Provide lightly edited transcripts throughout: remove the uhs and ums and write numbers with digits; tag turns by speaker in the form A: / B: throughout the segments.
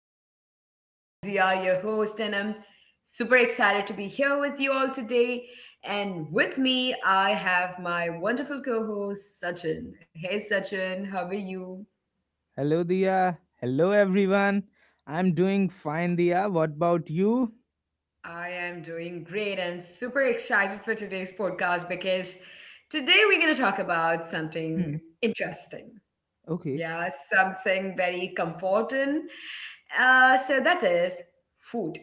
A: podcast. I am Dia, your host, and I'm super excited to be here with you all today. And with me, I have my wonderful co host, Sachin. Hey Sachin, how are you?
B: Hello, Dia. Hello, everyone. I'm doing fine, Dia. What about you?
A: I am doing great. I'm super excited for today's podcast because today we're going to talk about
B: Hmm.
A: something interesting.
B: Okay,
A: Yeah, something very comforting. So that is food.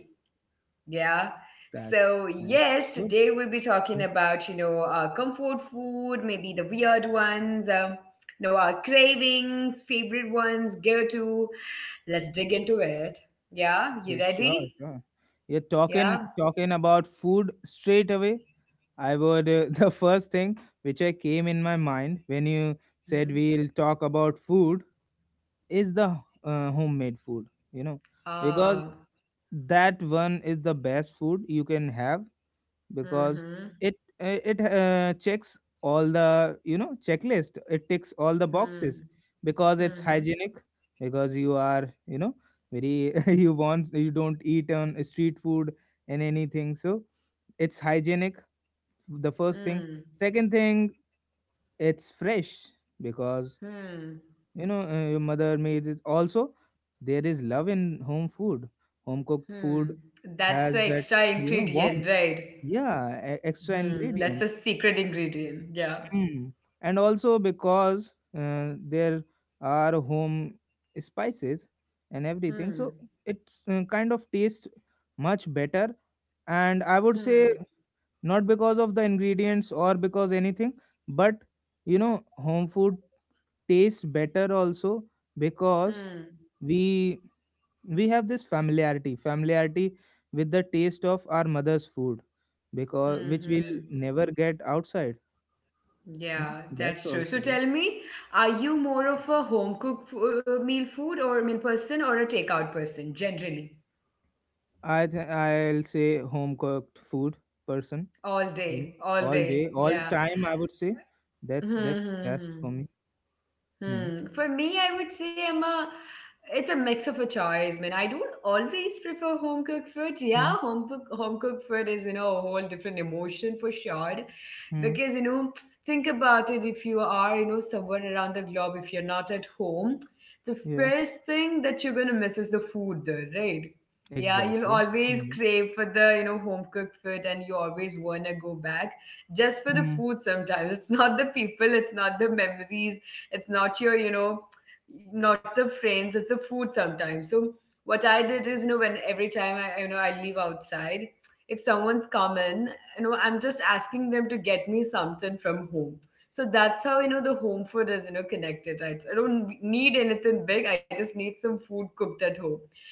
A: Yeah.
B: That's
A: So, yes,
B: good.
A: today we'll be
B: Hmm.
A: talking about, our comfort food, maybe the weird ones, our cravings, favorite ones, go to. Let's dig into it. Yeah.
B: Yeah,
A: You ready?
B: sure. You're talking
A: Yeah.
B: talking about food straight away. I would the first thing which I came in my mind when you said
A: Mm-hmm.
B: we'll talk about food is the homemade food. You know, because
A: Ah.
B: that one is the best food you can have because
A: Mm-hmm.
B: it it checks all the checklist. It ticks all the boxes
A: Hmm.
B: because it's
A: Hmm.
B: hygienic, because you are, very, you want, you don't eat on street food and anything, so it's hygienic, the first thing.
A: Hmm.
B: Second thing, it's fresh, because
A: Hmm.
B: you know your mother made it also. There is love in home food, home cooked food.
A: Hmm. That's
B: Has
A: the
B: that,
A: extra
B: you know, warmth.
A: ingredient, right?
B: Yeah, extra
A: Hmm.
B: ingredient.
A: That's a secret ingredient. Yeah.
B: Mm. And also because there are home spices and everything, so
A: Hmm.
B: it's kind of tastes much better. And I would say,
A: Hmm.
B: not because of the ingredients or because anything, but you know, home food tastes better also because
A: Hmm.
B: we we have this familiarity with the taste of our mother's food, because
A: Hmm.
B: which we'll
A: Hmm.
B: never get outside. Hmm,
A: Yeah,
B: that's
A: that's true.
B: also.
A: So tell me, are you more of a meal food or meal person or a takeout person generally?
B: I'll say home cooked food person,
A: All
B: you know,
A: day, all
B: all day,
A: day.
B: all
A: Yeah.
B: time. I would say that's best for me. Hmm.
A: Hmm. For me, I would say I'm a. It's a mix of a choice, man. I don't always prefer home cooked food.
B: Hmm.
A: Yeah, home cooked food is a whole different emotion for sure,
B: Hmm.
A: because think about it. If you are somewhere around the globe, if you're not at home, the
B: Yeah.
A: first thing that you're gonna miss is the food there, right? Yeah, you'll
B: Exactly.
A: always
B: Hmm.
A: crave for the home cooked food, and you always wanna go back just for the
B: Hmm.
A: food. Sometimes it's not the people, it's not the memories, it's not your, not the friends, it's the food sometimes. So what I did is, when every time I, I leave outside, if someone's come in, I'm just asking them to get me something from home. So that's how, the home food is, connected, right? So I don't need anything big. I just need some food cooked at home.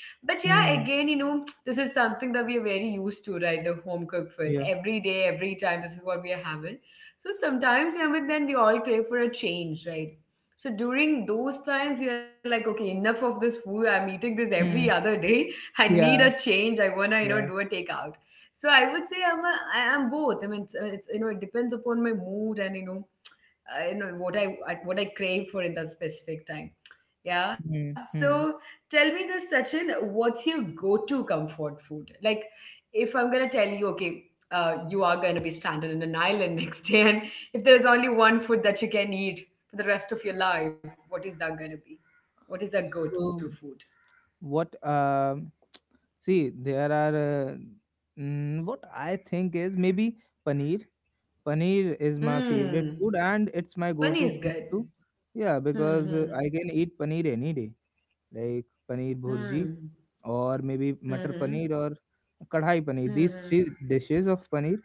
A: But yeah,
B: Hmm.
A: again, this is something that we are very used to, right? The home cooked food.
B: Yeah.
A: Every day, every time, this is what we are having. So sometimes, but then we all crave for a change, right? So during those times, you're like, okay, enough of this food. I'm eating this
B: Hmm.
A: every other day. I need
B: Yeah.
A: a change. I wanna,
B: Yeah.
A: do a takeout. So I would say I am both. I mean, it's it depends upon my mood and what I crave for in that specific time.
B: Hmm.
A: Yeah.
B: Hmm.
A: So tell me this, Sachin, what's your go-to comfort food? Like, if I'm gonna tell you, okay, you are gonna be stranded in an island next day, and if there's only one food that you can eat for the rest of your life, what is that gonna be? What is that go-to
B: So
A: food?
B: what? See, there are. What I think is maybe paneer. Paneer is my favorite food,
A: Hmm.
B: and it's my
A: Pani
B: go-to
A: is
B: food too.
A: good.
B: Yeah, because I
A: Hmm.
B: can eat paneer any day, like paneer bhurji,
A: Hmm.
B: or maybe matar
A: Hmm.
B: paneer, or kadhai
A: Hmm.
B: paneer. These three
A: Hmm.
B: dishes of paneer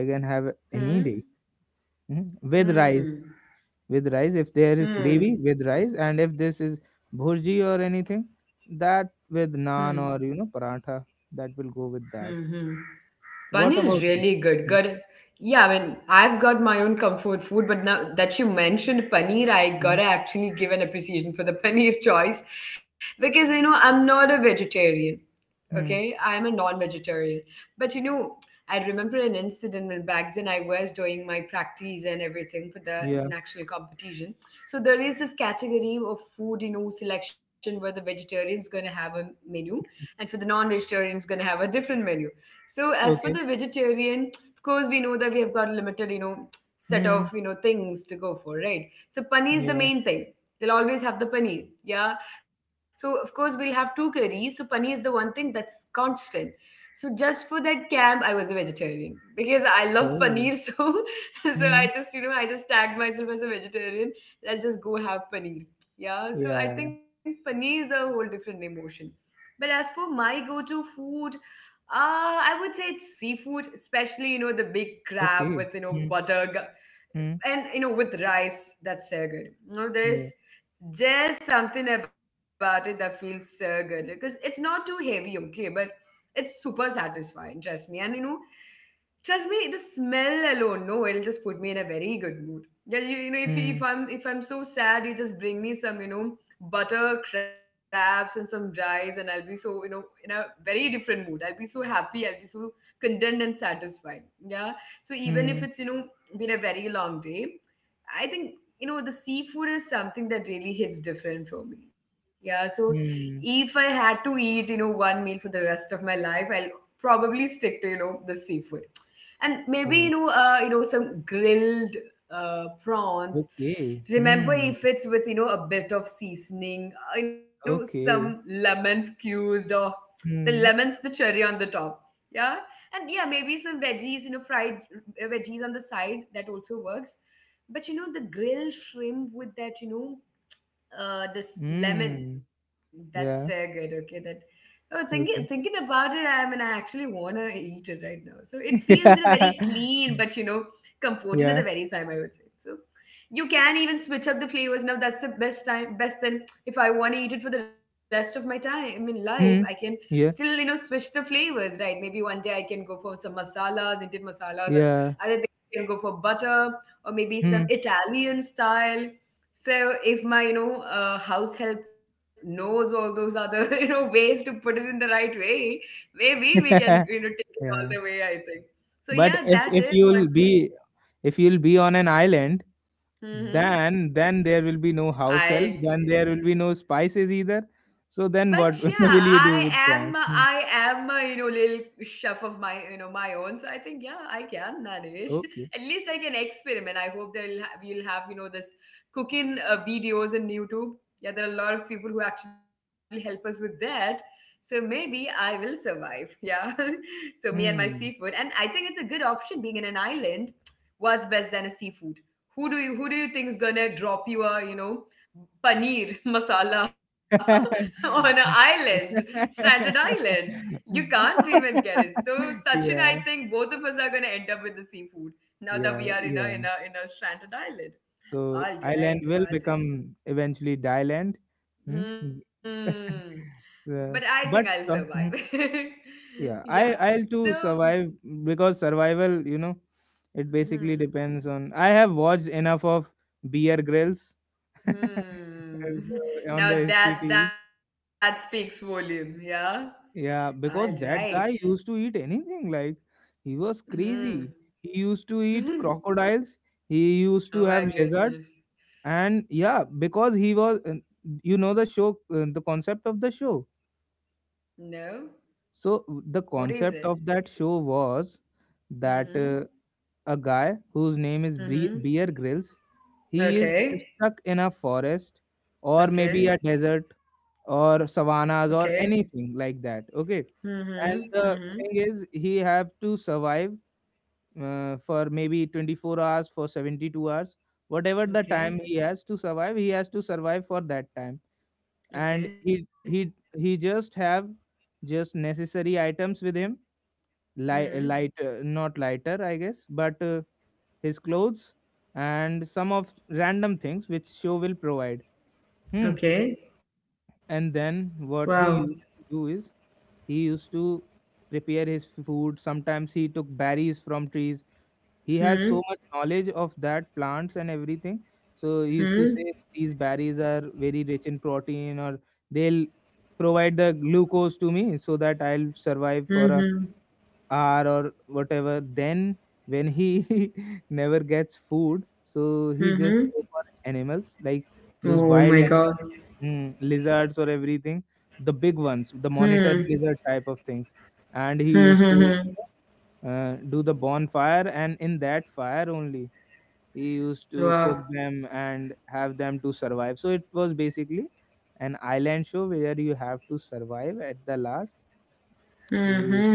B: I can have any
A: Hmm.
B: day. Mhm.
A: Hmm.
B: With
A: Hmm.
B: rice.
A: Hmm.
B: With rice, if there is gravy
A: Hmm.
B: with rice, and if this is bhurji or anything, that with naan
A: Hmm.
B: or you know paratha, that will go with that.
A: Hmm. hmm. Bun
B: What
A: is
B: about you?
A: really good. Good. Yeah, I mean, I've got my own comfort food, but now that you mentioned paneer, I
B: Mm-hmm.
A: gotta actually give an appreciation for the paneer choice because I'm not a vegetarian.
B: Hmm.
A: Okay, I'm a non vegetarian. But you know, I remember an incident when back then I was doing my practice and everything for
B: Yeah.
A: the national competition. So there is this category of food, selection where the vegetarian's gonna have a menu and for the non vegetarian's gonna have a different menu. So as for
B: Okay.
A: the vegetarian, of course we know that we have got a limited, set of
B: Hmm.
A: things to go for, right? So paneer is the
B: Yeah.
A: main thing. They'll always have the paneer. Yeah, so of course we'll have two curries. So paneer is the one thing that's constant. So just for that camp, I was a vegetarian because I love paneer.
B: Oh.
A: So so I
B: Hmm.
A: just I just tagged myself as a vegetarian. Let's just go have paneer. Yeah. So I
B: Yeah.
A: think paneer is a whole different emotion. But as for my go-to food, I would say it's seafood, especially the big crab
B: Okay.
A: with
B: Hmm.
A: butter
B: Hmm.
A: and with rice. That's so good. You know,
B: Yeah.
A: there is just something about it that feels so good because it's not too heavy, okay, but it's super satisfying, trust me. And trust me, the smell alone, no, it'll just put me in a very good mood. Yeah, you know,
B: Hmm.
A: if, you- if I'm so sad, you just bring me some butter crabs and some rice, and I'll be so in a very different mood. I'll be so happy, I'll be so content and satisfied. Yeah, so
B: Hmm.
A: even if it's been a very long day, I think the seafood is something that really hits different for me. Yeah, so
B: Hmm.
A: if I had to eat one meal for the rest of my life, I'll probably stick to the seafood, and
B: Yeah.
A: maybe some grilled prawns.
B: Okay. Hmm.
A: Remember, if it's with a bit of seasoning,
B: Okay.
A: some lemon squeezed or
B: Hmm.
A: the lemons, the cherry on the top. Yeah, and yeah, maybe some veggies, fried veggies on the side, that also works. But the grilled shrimp with that, this
B: Hmm.
A: lemon,
B: Yeah.
A: that's so good, okay. That oh
B: Okay.
A: thinking about it, I mean, I actually want to eat it right now. So it feels very clean but
B: Yeah. Yeah.
A: comforting at the very time, I would say. So you can even switch up the flavors now. That's the best time. Best then, if I want to eat it for the rest of my time I mean
B: Hmm.
A: life, I can
B: Yeah.
A: still switch the flavors, right? Maybe one day I can go for some masalas, indian masalas,
B: Yeah.
A: or other things. I can go for butter or
B: Hmm.
A: maybe some italian style. So if my, house help knows all those other, ways to put it in the right way, maybe we can, take it
B: Yeah.
A: all the way, I think. So
B: But if
A: yeah,
B: if
A: that is
B: you'll
A: one.
B: be,
A: Mm-hmm.
B: if you'll be on an island, then
A: Mm-hmm.
B: then there will be no house help. Then there will be
A: I
B: no spices either. So then
A: but
B: what
A: yeah,
B: will you do
A: i
B: with
A: am
B: prawns? Mm.
A: i am a little chef of my my own, so I think yeah, I can
B: Okay.
A: manage. At least I can experiment. I hope they'll have you'll have this cooking videos in youtube. Yeah, there are a lot of people who actually help us with that, so maybe I will survive. Yeah. So me and my
B: Hmm.
A: seafood, and I think it's a good option being in an island. What's best than a seafood? Who do you who do you think is gonna drop you a paneer masala on an island, stranded island. You can't even get it. So Sachin, I think
B: Yeah,
A: both of us are gonna end up with the seafood, now that we are in a in a
B: yeah.
A: in a stranded island. All
B: So
A: right,
B: island
A: all
B: will
A: right.
B: become eventually Thailand. Hmm? Mm.
A: Hmm. But I think
B: So,
A: I'll
B: but
A: survive.
B: uh, hmm,
A: yeah.
B: yeah, I'll
A: So
B: to survive, because survival, you know, it basically
A: hmm.
B: depends on. I have watched enough of Beer Grills
A: Hmm.
B: on the
A: Now
B: History
A: that
B: TV.
A: that speaks volume, yeah. All
B: Yeah,
A: right.
B: because that guy used to eat anything. Like, he was
A: Hmm.
B: crazy. He used to eat crocodiles. He used
A: oh
B: to
A: my
B: have lizards.
A: goodness.
B: And yeah, because he was, you know, the show, the concept of the show.
A: No.
B: So, the
A: What is it?
B: concept of that show was that
A: Mm-hmm.
B: a guy whose name is
A: Mm-hmm.
B: Beer Grylls, he is
A: Okay.
B: stuck in a forest or maybe
A: Okay.
B: a desert or
A: Okay.
B: savannas or anything like that, okay?
A: Mm-hmm.
B: And
A: Mm-hmm.
B: the thing is, he have to survive for maybe 24 hours, for 72 hours, whatever the time.
A: Okay.
B: He has to survive he has to survive for that time, and
A: Okay.
B: he just have just necessary items with him.
A: Mm-hmm.
B: Light, not lighter, I guess, but his clothes, and some of random things which show will provide. Hmm.
A: Okay.
B: And then
A: Wow.
B: what he used to do is he used to prepare his food. Sometimes he took berries from trees. He has so
A: Hmm.
B: much knowledge of that plants and everything. So he used to
A: Hmm.
B: say these berries are very rich in protein, or they'll provide the glucose to me so that I'll survive for a
A: Mm-hmm.
B: hour or whatever. Then when he never gets food, so he just
A: Mm-hmm.
B: go for animals, like those
A: Oh
B: wild
A: my God.
B: animals, mm, lizards or everything, the big ones,
A: Hmm.
B: the monitor lizard type of things. And
A: Hmm.
B: he
A: Hmm.
B: used to
A: hmm.
B: do the bonfire, and in that fire only he used to
A: Wow.
B: cook them and have them to survive. So it was basically an island show where you have to survive at the last. You'll,
A: Mm-hmm.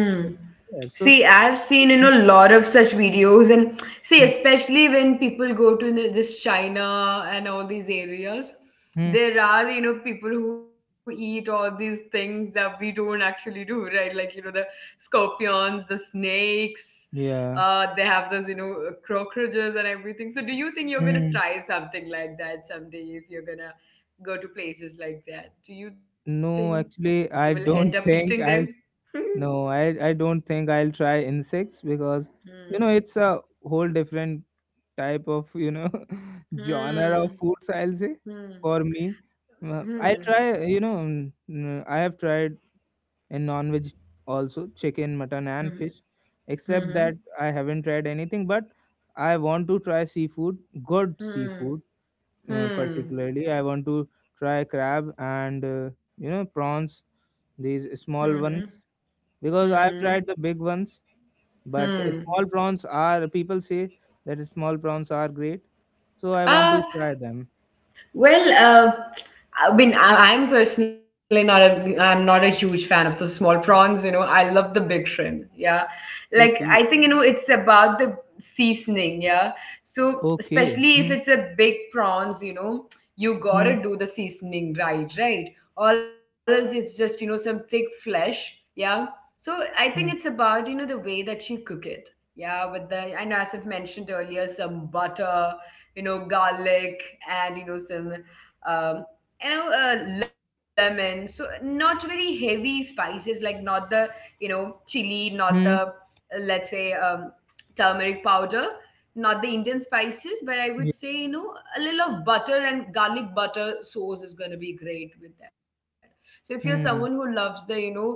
B: yeah, so.
A: See, I've seen, a lot of such videos. And see, especially when people go to this China and all these areas,
B: Mhm.
A: there are, people who eat all these things that we don't actually do, right? Like, the scorpions, the snakes,
B: Yeah.
A: they have those, cockroaches and everything. So, do you think you're gonna
B: Hmm.
A: try something like that someday if you're gonna go to places like that? Do you think
B: No,
A: you will
B: actually,
A: end up
B: I
A: eating
B: don't
A: them?
B: think I'll. No, I don't think I'll try insects, because you know
A: Mm.
B: it's a whole different type of, you know, genre of
A: Hmm.
B: foods. I'll say,
A: Hmm.
B: for me, uh, I'll
A: Hmm.
B: try. You know, I have tried a non-veg also, chicken, mutton,
A: Hmm.
B: and fish. Except
A: Hmm.
B: that, I haven't tried anything, but I want to try seafood, good
A: Hmm.
B: seafood,
A: Hmm.
B: particularly I want to try crab, and you know, prawns,
A: Hmm.
B: these
A: Hmm.
B: small ones, because I've
A: Hmm.
B: tried the big ones, but
A: Hmm.
B: small prawns, are, people say that small prawns are great, so I want
A: Hmm.
B: to try them.
A: Well, I mean, I'm personally not a, I'm not a huge fan of the small prawns. You know, I love the big shrimp. Yeah, like I
B: Okay.
A: think it's about the seasoning. Yeah, so
B: Okay.
A: especially if
B: Hmm.
A: it's a big prawns, you
B: Hmm.
A: gotta do the seasoning right, right? Or else it's just some thick flesh. Yeah, so I think it's
B: Hmm.
A: about the way that you cook it. Yeah, with the and as I've mentioned earlier, some butter, garlic, and some um, lemon. So not very heavy spices, like not the, chili, not the,
B: Hmm.
A: let's say, turmeric powder, not the Indian spices, but I would
B: Yeah.
A: say, a little of butter and garlic butter sauce is going to be great with that. So if you're someone who
B: Hmm,
A: loves the,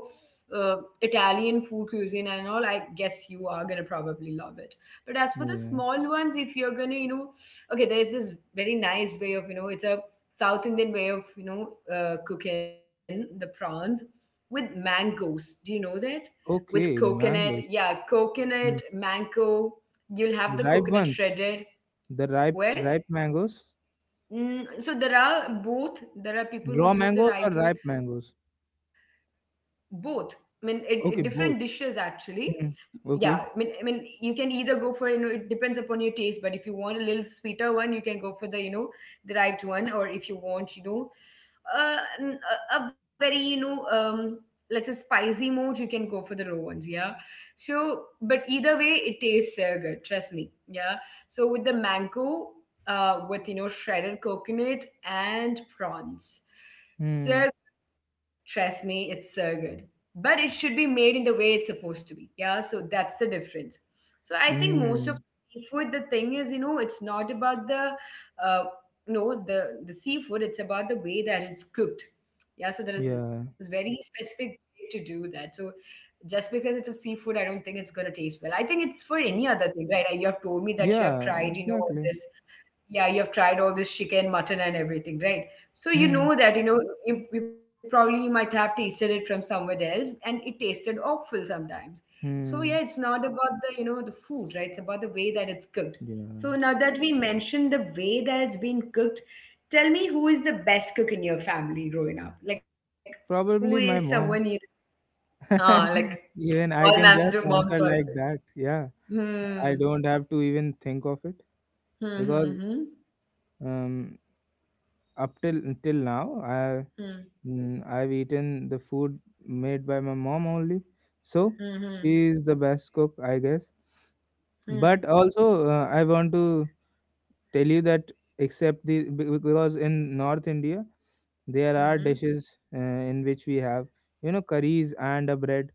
A: uh, Italian food cuisine and all, I guess you are gonna probably love it. But as for the
B: yeah.
A: small ones, if you're gonna, okay, there is this very nice way of, it's a South Indian way of, cooking the prawns with mangoes. Do you know that? With
B: Okay.
A: coconut.
B: Mangoes.
A: Yeah, coconut,
B: Hmm.
A: mango. You'll have the
B: Ripe
A: coconut
B: ones.
A: shredded,
B: The ripe
A: wet.
B: Ripe mangoes.
A: So there are both. There are people who
B: Raw
A: use the
B: mangoes or
A: right one.
B: ripe mangoes?
A: Both. I mean, different dishes
B: Okay, both.
A: actually.
B: Hmm.
A: Yeah, I mean
B: Okay.
A: you can either go for, it depends upon your taste. But if you want a little sweeter one, you can go for the you know the ripe one, or if you want, a very, let's say, spicy mode, you can go for the raw ones. Yeah, so but either way, it tastes, good. Trust me. Yeah, so with the mango, with, shredded coconut and prawns.
B: Hmm.
A: So trust me, it's so good. But it should be made in the way it's supposed to be. Yeah, so that's the difference. So I think most of
B: Hmm.
A: seafood, the thing is, it's not about the, uh, no, the seafood. It's about the way that it's cooked. Yeah, so there is this
B: Yeah,
A: very specific way to do that. So just because it's a seafood, I don't think it's gonna taste well. I think it's for any other thing, right? Like, you have told me that you have
B: yeah,
A: tried, all
B: exactly.
A: this. Yeah, you have tried all this chicken, mutton and everything, right? So you
B: Hmm,
A: know that, you probably might have tasted it from somewhere else, and it tasted awful sometimes. So yeah, it's
B: hmm,
A: not about the you know the food, right? It's about the way that it's cooked. So
B: yeah.
A: now that we mentioned the way that it's been cooked, tell me, who is the best cook in your family growing up? Like, who is
B: Probably
A: someone
B: my
A: you...
B: mom.
A: Ah, like,
B: Even
A: all
B: I
A: moms
B: can
A: do.
B: just
A: Moms do
B: answer
A: it.
B: like that. Yeah,
A: Hmm.
B: I don't have to even think of it,
A: Hmm.
B: because
A: Hmm.
B: um, up till till now, I,
A: Hmm.
B: I've eaten the food made by my mom only.
A: Hmm.
B: So
A: Hmm.
B: she's the best cook, I guess.
A: Hmm.
B: But also I want to tell you that, except the because in North India there
A: Hmm.
B: are
A: Hmm.
B: dishes in which we have, you know, curries and a bread.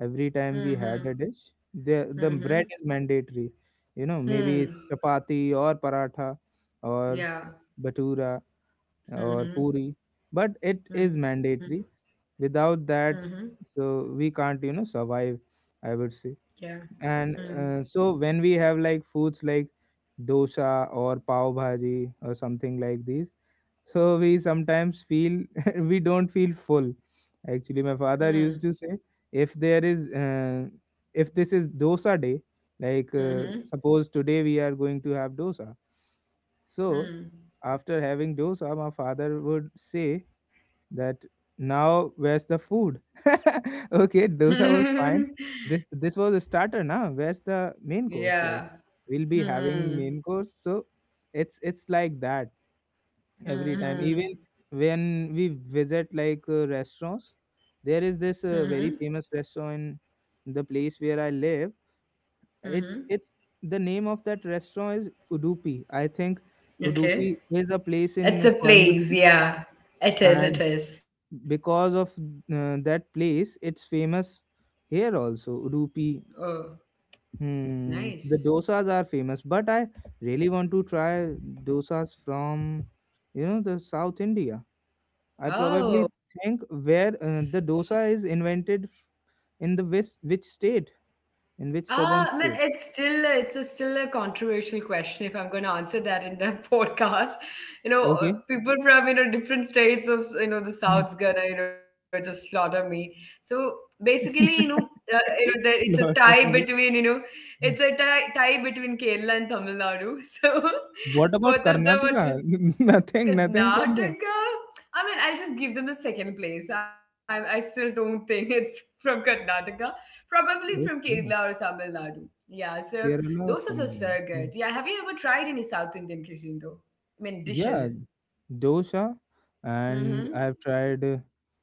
B: Every time we had
A: Mhm.
B: a dish, the bread
A: Mhm.
B: is mandatory. You know, maybe
A: Hmm.
B: it's chapati, or paratha, or
A: Yeah.
B: batura, or
A: Mhm.
B: puri, but it is
A: Mhm.
B: mandatory. Without
A: Mhm.
B: that, so we can't, you know, survive, I would say.
A: Yeah.
B: And
A: Hmm.
B: so when we have like foods like dosa or pav bhaji or something like these, so we sometimes feel we don't feel full. Actually my father
A: Hmm.
B: used to say, if there is if this is dosa day, like
A: Mhm.
B: suppose today we are going to have dosa, so
A: Hmm.
B: after having dosa my father would say that, now where's the food? Okay, dosa was fine. This was a starter. Now where's the main course? Like,
A: Yeah.
B: we'll be having
A: Hmm.
B: main course. So it's like that every time.
A: Mhm.
B: Even when we visit like restaurants, there is this
A: Mhm.
B: very famous restaurant in the place where I live. It
A: Mhm.
B: it's The name of that restaurant is Udupi. I think
A: Okay.
B: Udupi is a place
A: It's a
B: in
A: place.
B: Coimbatore,
A: Yeah. It is.
B: and
A: It is.
B: because of that place, it's famous here also. Udupi,
A: Oh,
B: hmm, the
A: nice.
B: dosas are famous, but I really want to try dosas from, you know, the South India. I probably
A: Oh,
B: think, where the dosa is invented in the west, which state, in which southern
A: Man!
B: state?
A: It's still, it's a, still a controversial question if I'm going to answer that in the podcast. You know, uh,
B: Okay.
A: people from, different states of, the
B: Hmm.
A: South's gonna, just slaughter me. So basically, the, it's a tie
B: Lottery.
A: between, it's a
B: Yeah.
A: tie between Kerala and Tamil Nadu. So
B: What
A: both
B: about
A: of them are...
B: Karnataka? Nothing, from there.
A: Karnataka? I mean, I'll just give them the second place. I still don't think it's from Karnataka. Probably from Kerala or
B: Okay,
A: Tamil Nadu. Yeah, so those
B: Kerala or
A: are
B: Tamil
A: so
B: Nadu.
A: good.
B: Hmm.
A: Yeah, have you ever tried any South Indian cuisine though? I mean, dishes.
B: Yeah, dosa, and
A: Mm-hmm.
B: I've tried,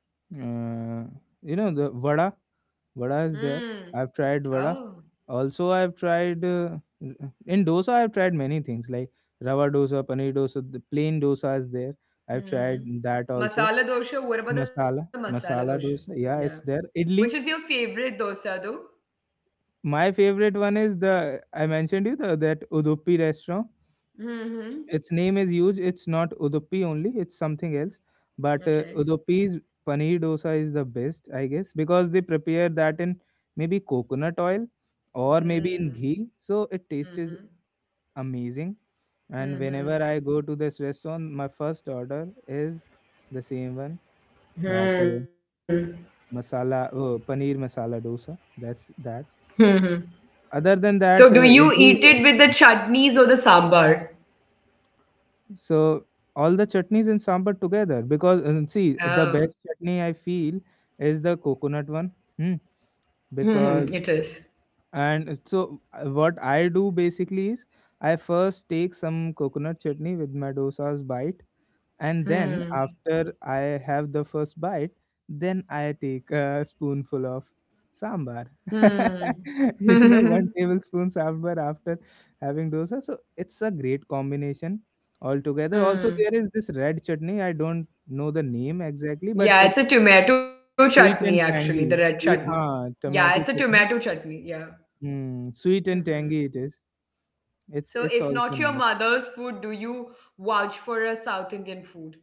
B: uh, you know, the vada. Vada is there.
A: Hmm.
B: I've tried vada.
A: Oh.
B: Also, I've tried in dosa. I've tried many things, like rava dosa, paneer dosa. The plain dosa is there. I've tried
A: Mm-hmm.
B: that also.
A: Masala dosha. What about the masala dosha?
B: Masala
A: Yeah.
B: dosa. Yeah, it's there.
A: Which is your
B: Idli.
A: favorite dosa though?
B: My favorite one is, the I mentioned you, the, that Udupi restaurant.
A: Mm-hmm.
B: Its name is huge. It's not Udupi only. It's something else. But
A: Okay.
B: Udupi's paneer dosa is the best, I guess, because they prepare that in maybe coconut oil or maybe in
A: Mm.
B: ghee. So it tastes is
A: Mm-hmm.
B: amazing. And
A: Mm-hmm.
B: whenever I go to this restaurant, my first order is the same one, that
A: Hmm.
B: masala paneer masala dosa. That's that.
A: Hmm.
B: Other than
A: So do
B: that,
A: you eat
B: idli.
A: it
B: Is
A: with the
B: also.
A: chutneys or the sambar?
B: So all the chutneys and sambar together, because, and see, the
A: Oh.
B: best chutney I feel is the coconut one. Hmm.
A: Hmm. It is.
B: Because, and so, what I do basically is, I first take some coconut chutney with my dosa's bite, and then
A: Hmm.
B: after I have the first bite, then I take a spoonful of sambar.
A: Hmm.
B: You know, one tablespoon sambar after having dosa. So it's a great combination altogether. Also,
A: Hmm.
B: there is this red chutney. I don't know the name exactly, but
A: Yeah, it's
B: it's
A: a tomato chutney
B: sweet and
A: actually, the red
B: tangy.
A: chutney.
B: Sweet, huh,
A: Yeah, it's a
B: tomato
A: tomato
B: chutney.
A: chutney. Yeah.
B: Mm, sweet and
A: Hmm.
B: tangy it is. It's
A: So if
B: also
A: not your
B: nice.
A: mother's food, do you vouch for a South Indian food?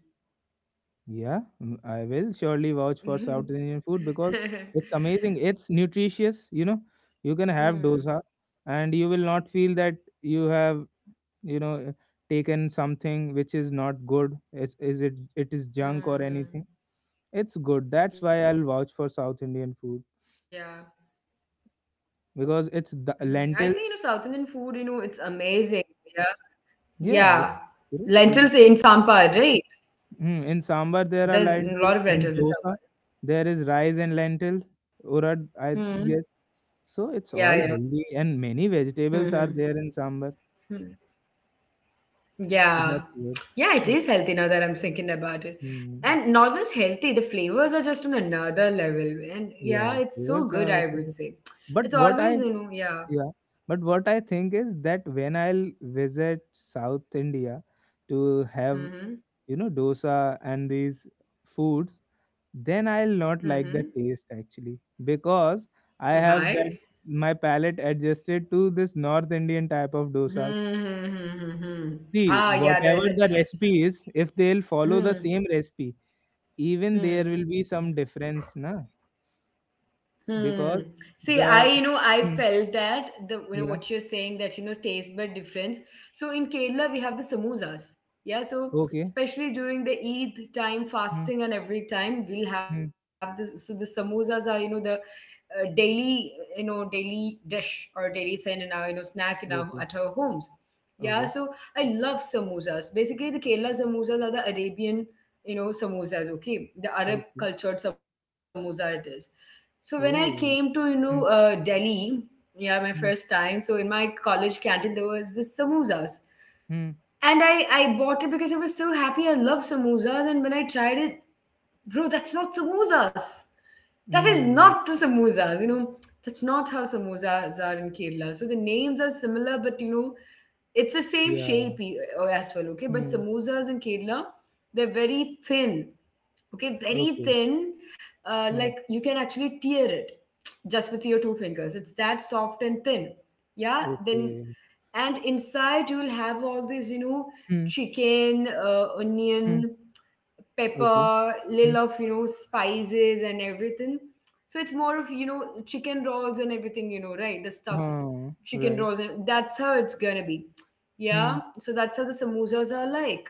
B: Yeah, I will surely vouch for South Indian food, because it's amazing. It's nutritious, you know. You can have
A: Mm.
B: dosa, and you will not feel that you have, you know, taken something which is not good. Is, it is junk or
A: Mm-hmm.
B: anything. It's good. That's
A: Yeah.
B: why I'll vouch for South Indian food,
A: Mhm. I think, South Indian food,
B: because it's
A: it's
B: the
A: amazing.
B: lentils.
A: Yeah. Lentils in
B: Yeah, it's
A: Sampar, right?
B: good. It's,
A: There's
B: hmm,
A: a
B: in
A: lot of lentils
B: sambar
A: in
B: there are
A: Sampar.
B: lentils. In dosa, there is rice and
A: Hmm.
B: lentil, urad, I
A: Yeah, yeah.
B: guess. So it's all healthy,
A: Mm-hmm.
B: and many vegetables are there in sambar.
A: Yeah. Yeah, it
B: That's
A: is healthy
B: good.
A: now that I'm
B: But
A: thinking about it. And not just
B: mm,
A: healthy, the flavors are just on another level. And yeah, it's so good,
B: yeah,
A: I would
B: flavors
A: say.
B: are also good.
A: It's always,
B: But what I
A: yeah.
B: yeah, but what I think is that when I'll visit South India to have
A: Mm-hmm.
B: dosa and these foods, then I'll not
A: Mm-hmm.
B: like the taste actually because I
A: Why?
B: have that my palate adjusted to this North Indian type of
A: Hmm.
B: dosas.
A: Hmm, hmm, hmm, hmm.
B: See,
A: Ah, yeah, there's
B: whatever
A: a...
B: the recipe is, if they'll follow the
A: Hmm.
B: same recipe, even there
A: Hmm.
B: will be some difference, na?
A: Hmm.
B: Because
A: See, I,
B: the
A: I felt
B: Mm,
A: that the, what you're
B: yeah,
A: saying, that, taste bud difference. So in Kerala, we have the samosas. Yeah. So
B: okay,
A: especially during the Eid time,
B: mm,
A: fasting and every time we'll have
B: mm,
A: this. So the samosas are, the daily, daily dish, or daily thing in our, snack, in our at our
B: okay,
A: homes. Yeah. So
B: okay,
A: I love samosas. Basically, the Kerala samosas are the Arabian, samosas. Okay, the Arab
B: okay,
A: cultured samosa it is. So when I came to,
B: oh, mm,
A: Delhi. Yeah, my first
B: mm,
A: time. So in my college canteen there was this samosas,
B: mm,
A: and I bought it because I was so happy, I love samosas. And when I tried it, bro, that's not samosas. That is
B: mm,
A: not the samosas. That's not how samosas are in Kerala. So the names are similar, but, it's the same
B: yeah,
A: shape, as well, okay? But
B: mm,
A: samosas in Kerala, they're very thin, okay? Very
B: okay,
A: thin. Uh,
B: mm,
A: like you can actually tear it just with your two fingers. It's that soft and thin. Yeah, then,
B: okay,
A: and inside you'll have all this,
B: mm,
A: chicken,
B: mm,
A: onion,
B: okay.
A: pepper, little
B: Hmm.
A: of, spices and everything. So it's more of, chicken rolls and everything, right? The stuffed
B: Oh,
A: chicken
B: right.
A: rolls, and that's how it's gonna be. Yeah,
B: Hmm.
A: so that's how the samosas are like.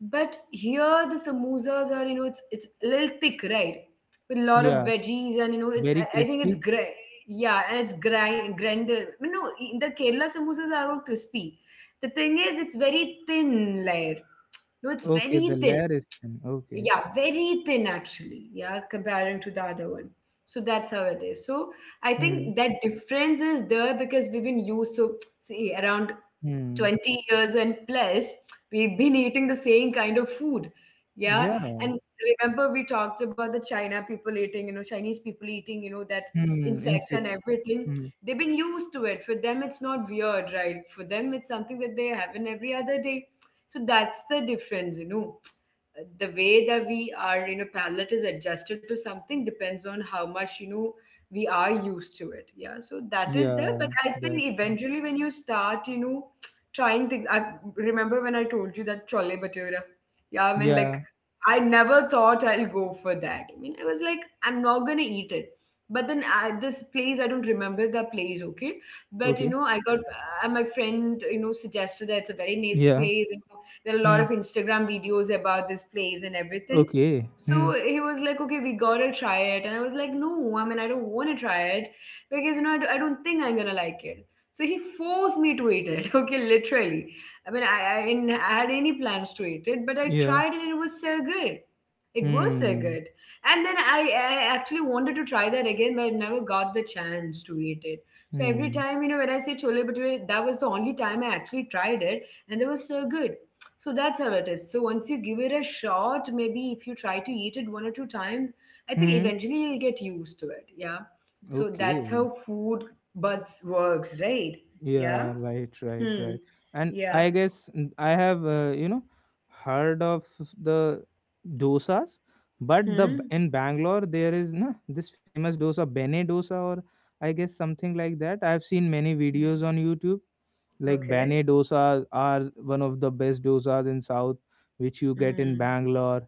A: But here the samosas are, it's a little thick, right? With a lot of
B: Yeah,
A: veggies and, it,
B: very
A: I, I think it's
B: crispy.
A: gray. Yeah, and it's grinder. I mean, no, the Kerala samosas are all crispy. The thing is, it's very thin layer. No, it's
B: Okay, the
A: very thin.
B: layer is thin. Okay.
A: Yeah, very thin actually. Yeah, comparing to the other one. So that's how it is. So I
B: Hmm.
A: think that difference is there because we've been used to see around
B: Hmm.
A: 20 years and plus, we've been eating the same kind of food. Yeah.
B: Yeah.
A: And remember, we talked about the China people eating, Chinese people eating, that
B: Hmm.
A: insects
B: Insects.
A: and everything.
B: Hmm.
A: They've been used to it. For them, it's not weird, right? For them, it's something that they have in every other day. So that's the difference. The way that we are, palate is adjusted to something, depends on how much, we are used to it. Yeah. So that is there. But
B: Yeah,
A: I think
B: that's right.
A: eventually when you start, trying things. I remember when I told you that chole bhatura. Yeah, I mean,
B: Yeah.
A: like, I never thought I'll go for that. I mean, I was like, I'm not gonna eat it. But then, this place, I don't remember the place, okay? But,
B: Okay.
A: I got, my friend, suggested that it's a very nice
B: Yeah.
A: place. There are a lot
B: Hmm.
A: of Instagram videos about this place and everything.
B: Okay. Hmm.
A: So he was like, okay, we gotta try it. And I was like, no, I mean, I don't wanna try it because, I don't think I'm gonna like it. So he forced me to eat it. Okay, literally. I mean, I didn't had any plans to eat it, but I
B: Yeah.
A: tried it and it was so good. It was so
B: Hmm.
A: good. And then I actually wanted to try that again, but I never got the chance to eat it. So every
B: Hmm.
A: time, when I say chole bhature, that was the only time I actually tried it, and it was so good. So that's how it is. So once you give it a shot, maybe if you try to eat it one or two times, I think
B: Hmm.
A: eventually you'll get used to it. Yeah. So
B: Okay.
A: that's how food buds works, right? Yeah.
B: Yeah, right, right,
A: Hmm.
B: right. And
A: Yeah.
B: I guess I have, heard of the dosas, but
A: Hmm.
B: in Bangalore there is na this famous dosa, Bene dosa, or I guess something like that. I've seen many
A: Hmm.
B: videos on YouTube. Like
A: Okay.
B: Bene dosas are one of the best dosas in South, which you get in
A: Hmm.
B: Bangalore.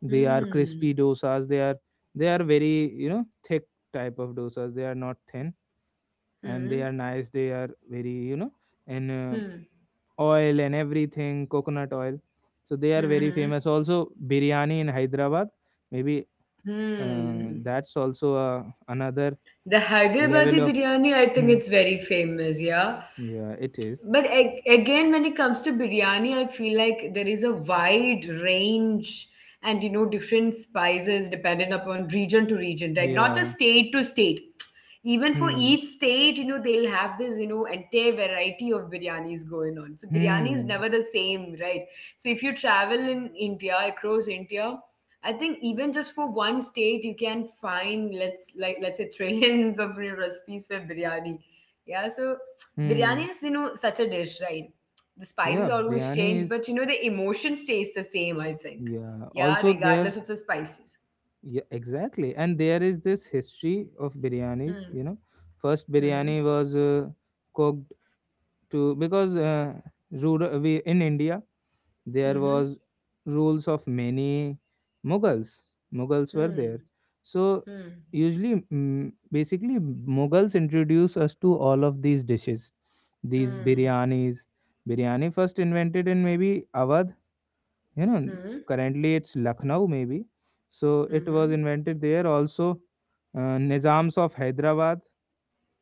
B: They are
A: Hmm.
B: crispy dosas. They are very thick type of dosas. They are not thin, and they
A: Hmm.
B: are nice. They are very, and
A: Hmm.
B: oil and everything, coconut oil. So they are very
A: Hmm.
B: famous. Also biryani in Hyderabad, maybe,
A: Hmm.
B: that's also, another
A: The
B: level
A: Hyderabadi
B: of...
A: biryani, I think
B: Hmm.
A: it's very famous, yeah.
B: Yeah, it is.
A: But again, when it comes to biryani, I feel like there is a wide range and, different spices dependent upon region to region, right? Not
B: Yeah.
A: just state to state. Even for
B: Hmm.
A: each state, they'll have this, entire variety of biryanis going on. So biryani is
B: Hmm.
A: never the same, right? So if you travel in India, across India, I think even just for one state, you can find, let's say trillions of, recipes for biryani. Yeah, so biryani
B: Hmm.
A: is, such a dish, right? The spices
B: Yeah,
A: always
B: biryani
A: change,
B: is...
A: but, the emotion stays the same. I think,
B: Yeah,
A: yeah,
B: also
A: regardless
B: there's...
A: of the spices.
B: Yeah, exactly, and there is this history of biryanis,
A: Hmm.
B: first
A: Hmm.
B: biryani was, cooked to, because, rural, we, in India there
A: Hmm.
B: was rules of many Mughals. Mughals were
A: Hmm.
B: there, so
A: Hmm.
B: usually, basically Mughals introduce us to all of these dishes, these
A: Hmm.
B: biryanis. Biryani first invented in maybe Awadh, you know.
A: Hmm.
B: Currently it's Lucknow maybe, so it was
A: Mhm.
B: invented there. Also, Nizams of Hyderabad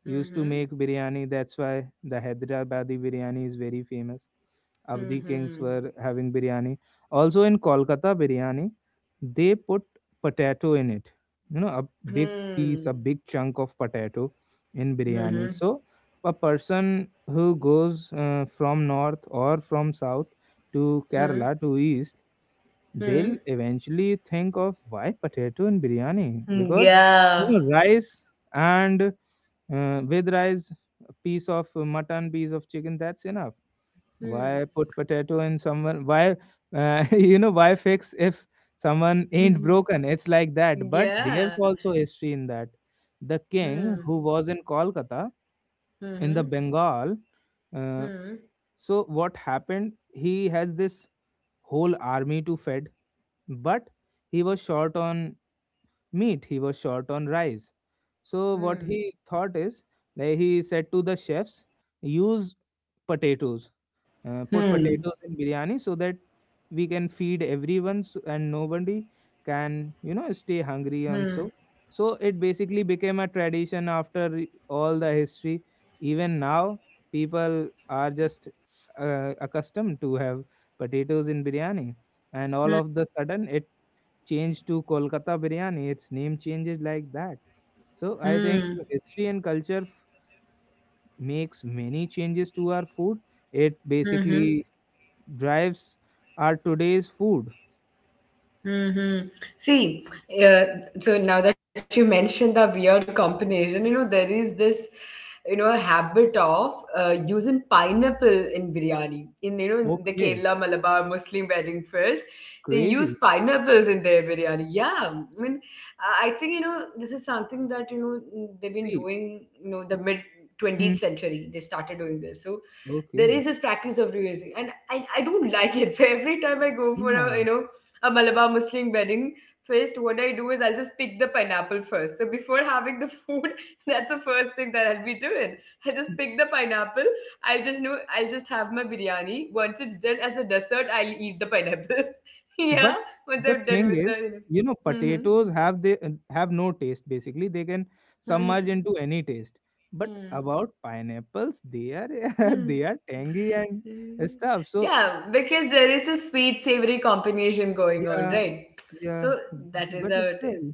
B: used to
A: Mhm.
B: make biryani. That's why the Hyderabadi biryani is very famous. Avdi kings
A: Mhm.
B: were having biryani. Also in Kolkata biryani, they put potato in it. You know, a big
A: Hmm.
B: piece, a big chunk of potato in biryani.
A: Mhm.
B: So a person who goes, from north or from south to
A: Hmm.
B: Kerala to east, they'll
A: Hmm.
B: eventually think of why potato in biryani, because
A: Yeah.
B: rice and, with rice, a piece of, mutton, piece of chicken, that's enough.
A: Hmm.
B: Why put potato in someone? Why, why fix if someone ain't broken? It's like that. But
A: Yeah.
B: there's also history in that. The king
A: Hmm.
B: who was in Kolkata, in the
A: Mhm.
B: Bengal, uh,
A: Hmm.
B: so what happened? He has this whole army to feed, but he was short on meat. He was short on rice. So what
A: Hmm.
B: he thought is that he said to the chefs, use potatoes, put
A: Hmm.
B: potatoes in biryani so that we can feed everyone so, and nobody can stay hungry and
A: Hmm.
B: so. So it basically became a tradition after all the history. Even now, people are just, accustomed to have potatoes in biryani, and all
A: Hmm.
B: of the sudden changed to Kolkata biryani. Its name changes like that. So I think
A: Hmm.
B: history and culture makes many changes to our food. It
A: Mhm.
B: basically drives our today's food.
A: Mm-hmm. See, uh, so now that you mentioned the weird combination, there is this, habit of using pineapple in biryani. In, in the
B: Okay,
A: Kerala Malabar Muslim wedding first, they use
B: crazy.
A: pineapples in their biryani. Yeah. I mean, I think, this is something that, they've been
B: See,
A: doing, the mid
B: hmm,
A: 20th century. They started doing this. So, there
B: okay,
A: is this practice of reusing, and I don't like it. So every time I go for a
B: yeah.
A: a Malabar Muslim wedding feast, what I do is I'll just pick the pineapple first, so before having the food. That's the first thing that I'll be doing. I just pick the pineapple. I'll just know I'll just have my biryani. Once it's done, as a dessert, I'll eat the pineapple.
B: But
A: Yeah, once
B: the
A: I'm done
B: thing
A: with
B: is,
A: the mm-hmm.
B: potatoes have they have no taste. Basically, they can submerge
A: Mm-hmm.
B: into any taste. But
A: Hmm.
B: about pineapples, they are
A: Yeah,
B: they are tangy and stuff. So
A: because there is a sweet savory combination going on,
B: yeah,
A: right?
B: yeah,
A: So that is
B: but
A: how
B: it's
A: it is.
B: still,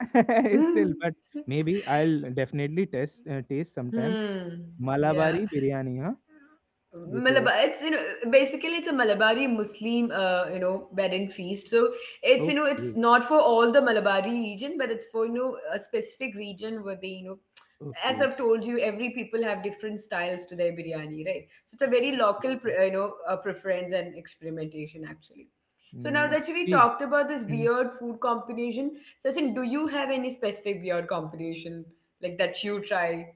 B: it's still, but maybe I'll definitely test taste sometimes.
A: Hmm. Yeah.
B: Malabari biryani, huh? You told.
A: Malabar, it's basically it's a Malabari Muslim wedding feast. So it's it's
B: Okay,
A: not for all the Malabari region, but it's for a specific region where they as
B: okay.
A: I've told you, every people have different styles to their biryani, right? So it's a very
B: So,
A: local preference and experimentation actually. So now
B: mm,
A: that we
B: see,
A: talked about this
B: mm,
A: weird food combination, Sachin, do you have any specific weird combination like that you try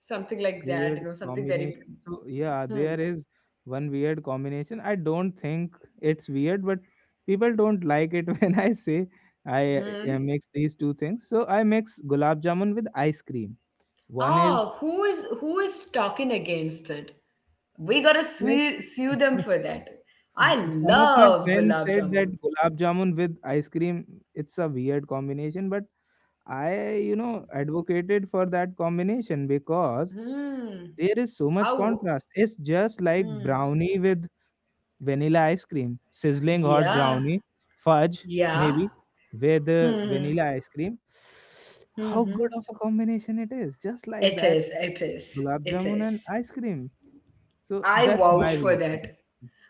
A: something like that? You
B: weird
A: know something very
B: combination. So yeah,
A: hmm.
B: there is one weird combination. I don't think it's weird, but people don't like it when I say I,
A: Hmm.
B: mix these two things. So I mix gulab jamun with ice cream. One is
A: Ah, who is talking against it? We gotta
B: like,
A: sue them for that. I
B: some of my
A: love
B: friends
A: gulab
B: said that
A: jamun.
B: gulab jamun with ice cream, it's a weird combination, but I you know advocated for that combination because
A: Hmm.
B: there is so much
A: How?
B: contrast. It's just like
A: Hmm.
B: brownie with vanilla ice cream, sizzling hot
A: Yeah.
B: brownie fudge,
A: Yeah.
B: maybe with,
A: Hmm.
B: vanilla ice cream.
A: Hmm. Hmm.
B: How good of a combination it is, just
A: It
B: like
A: is.
B: that.
A: It is. It
B: Gulab jamun
A: is.
B: and ice cream, so
A: I
B: that's
A: vouch
B: my
A: for
B: weird
A: that.
B: combination.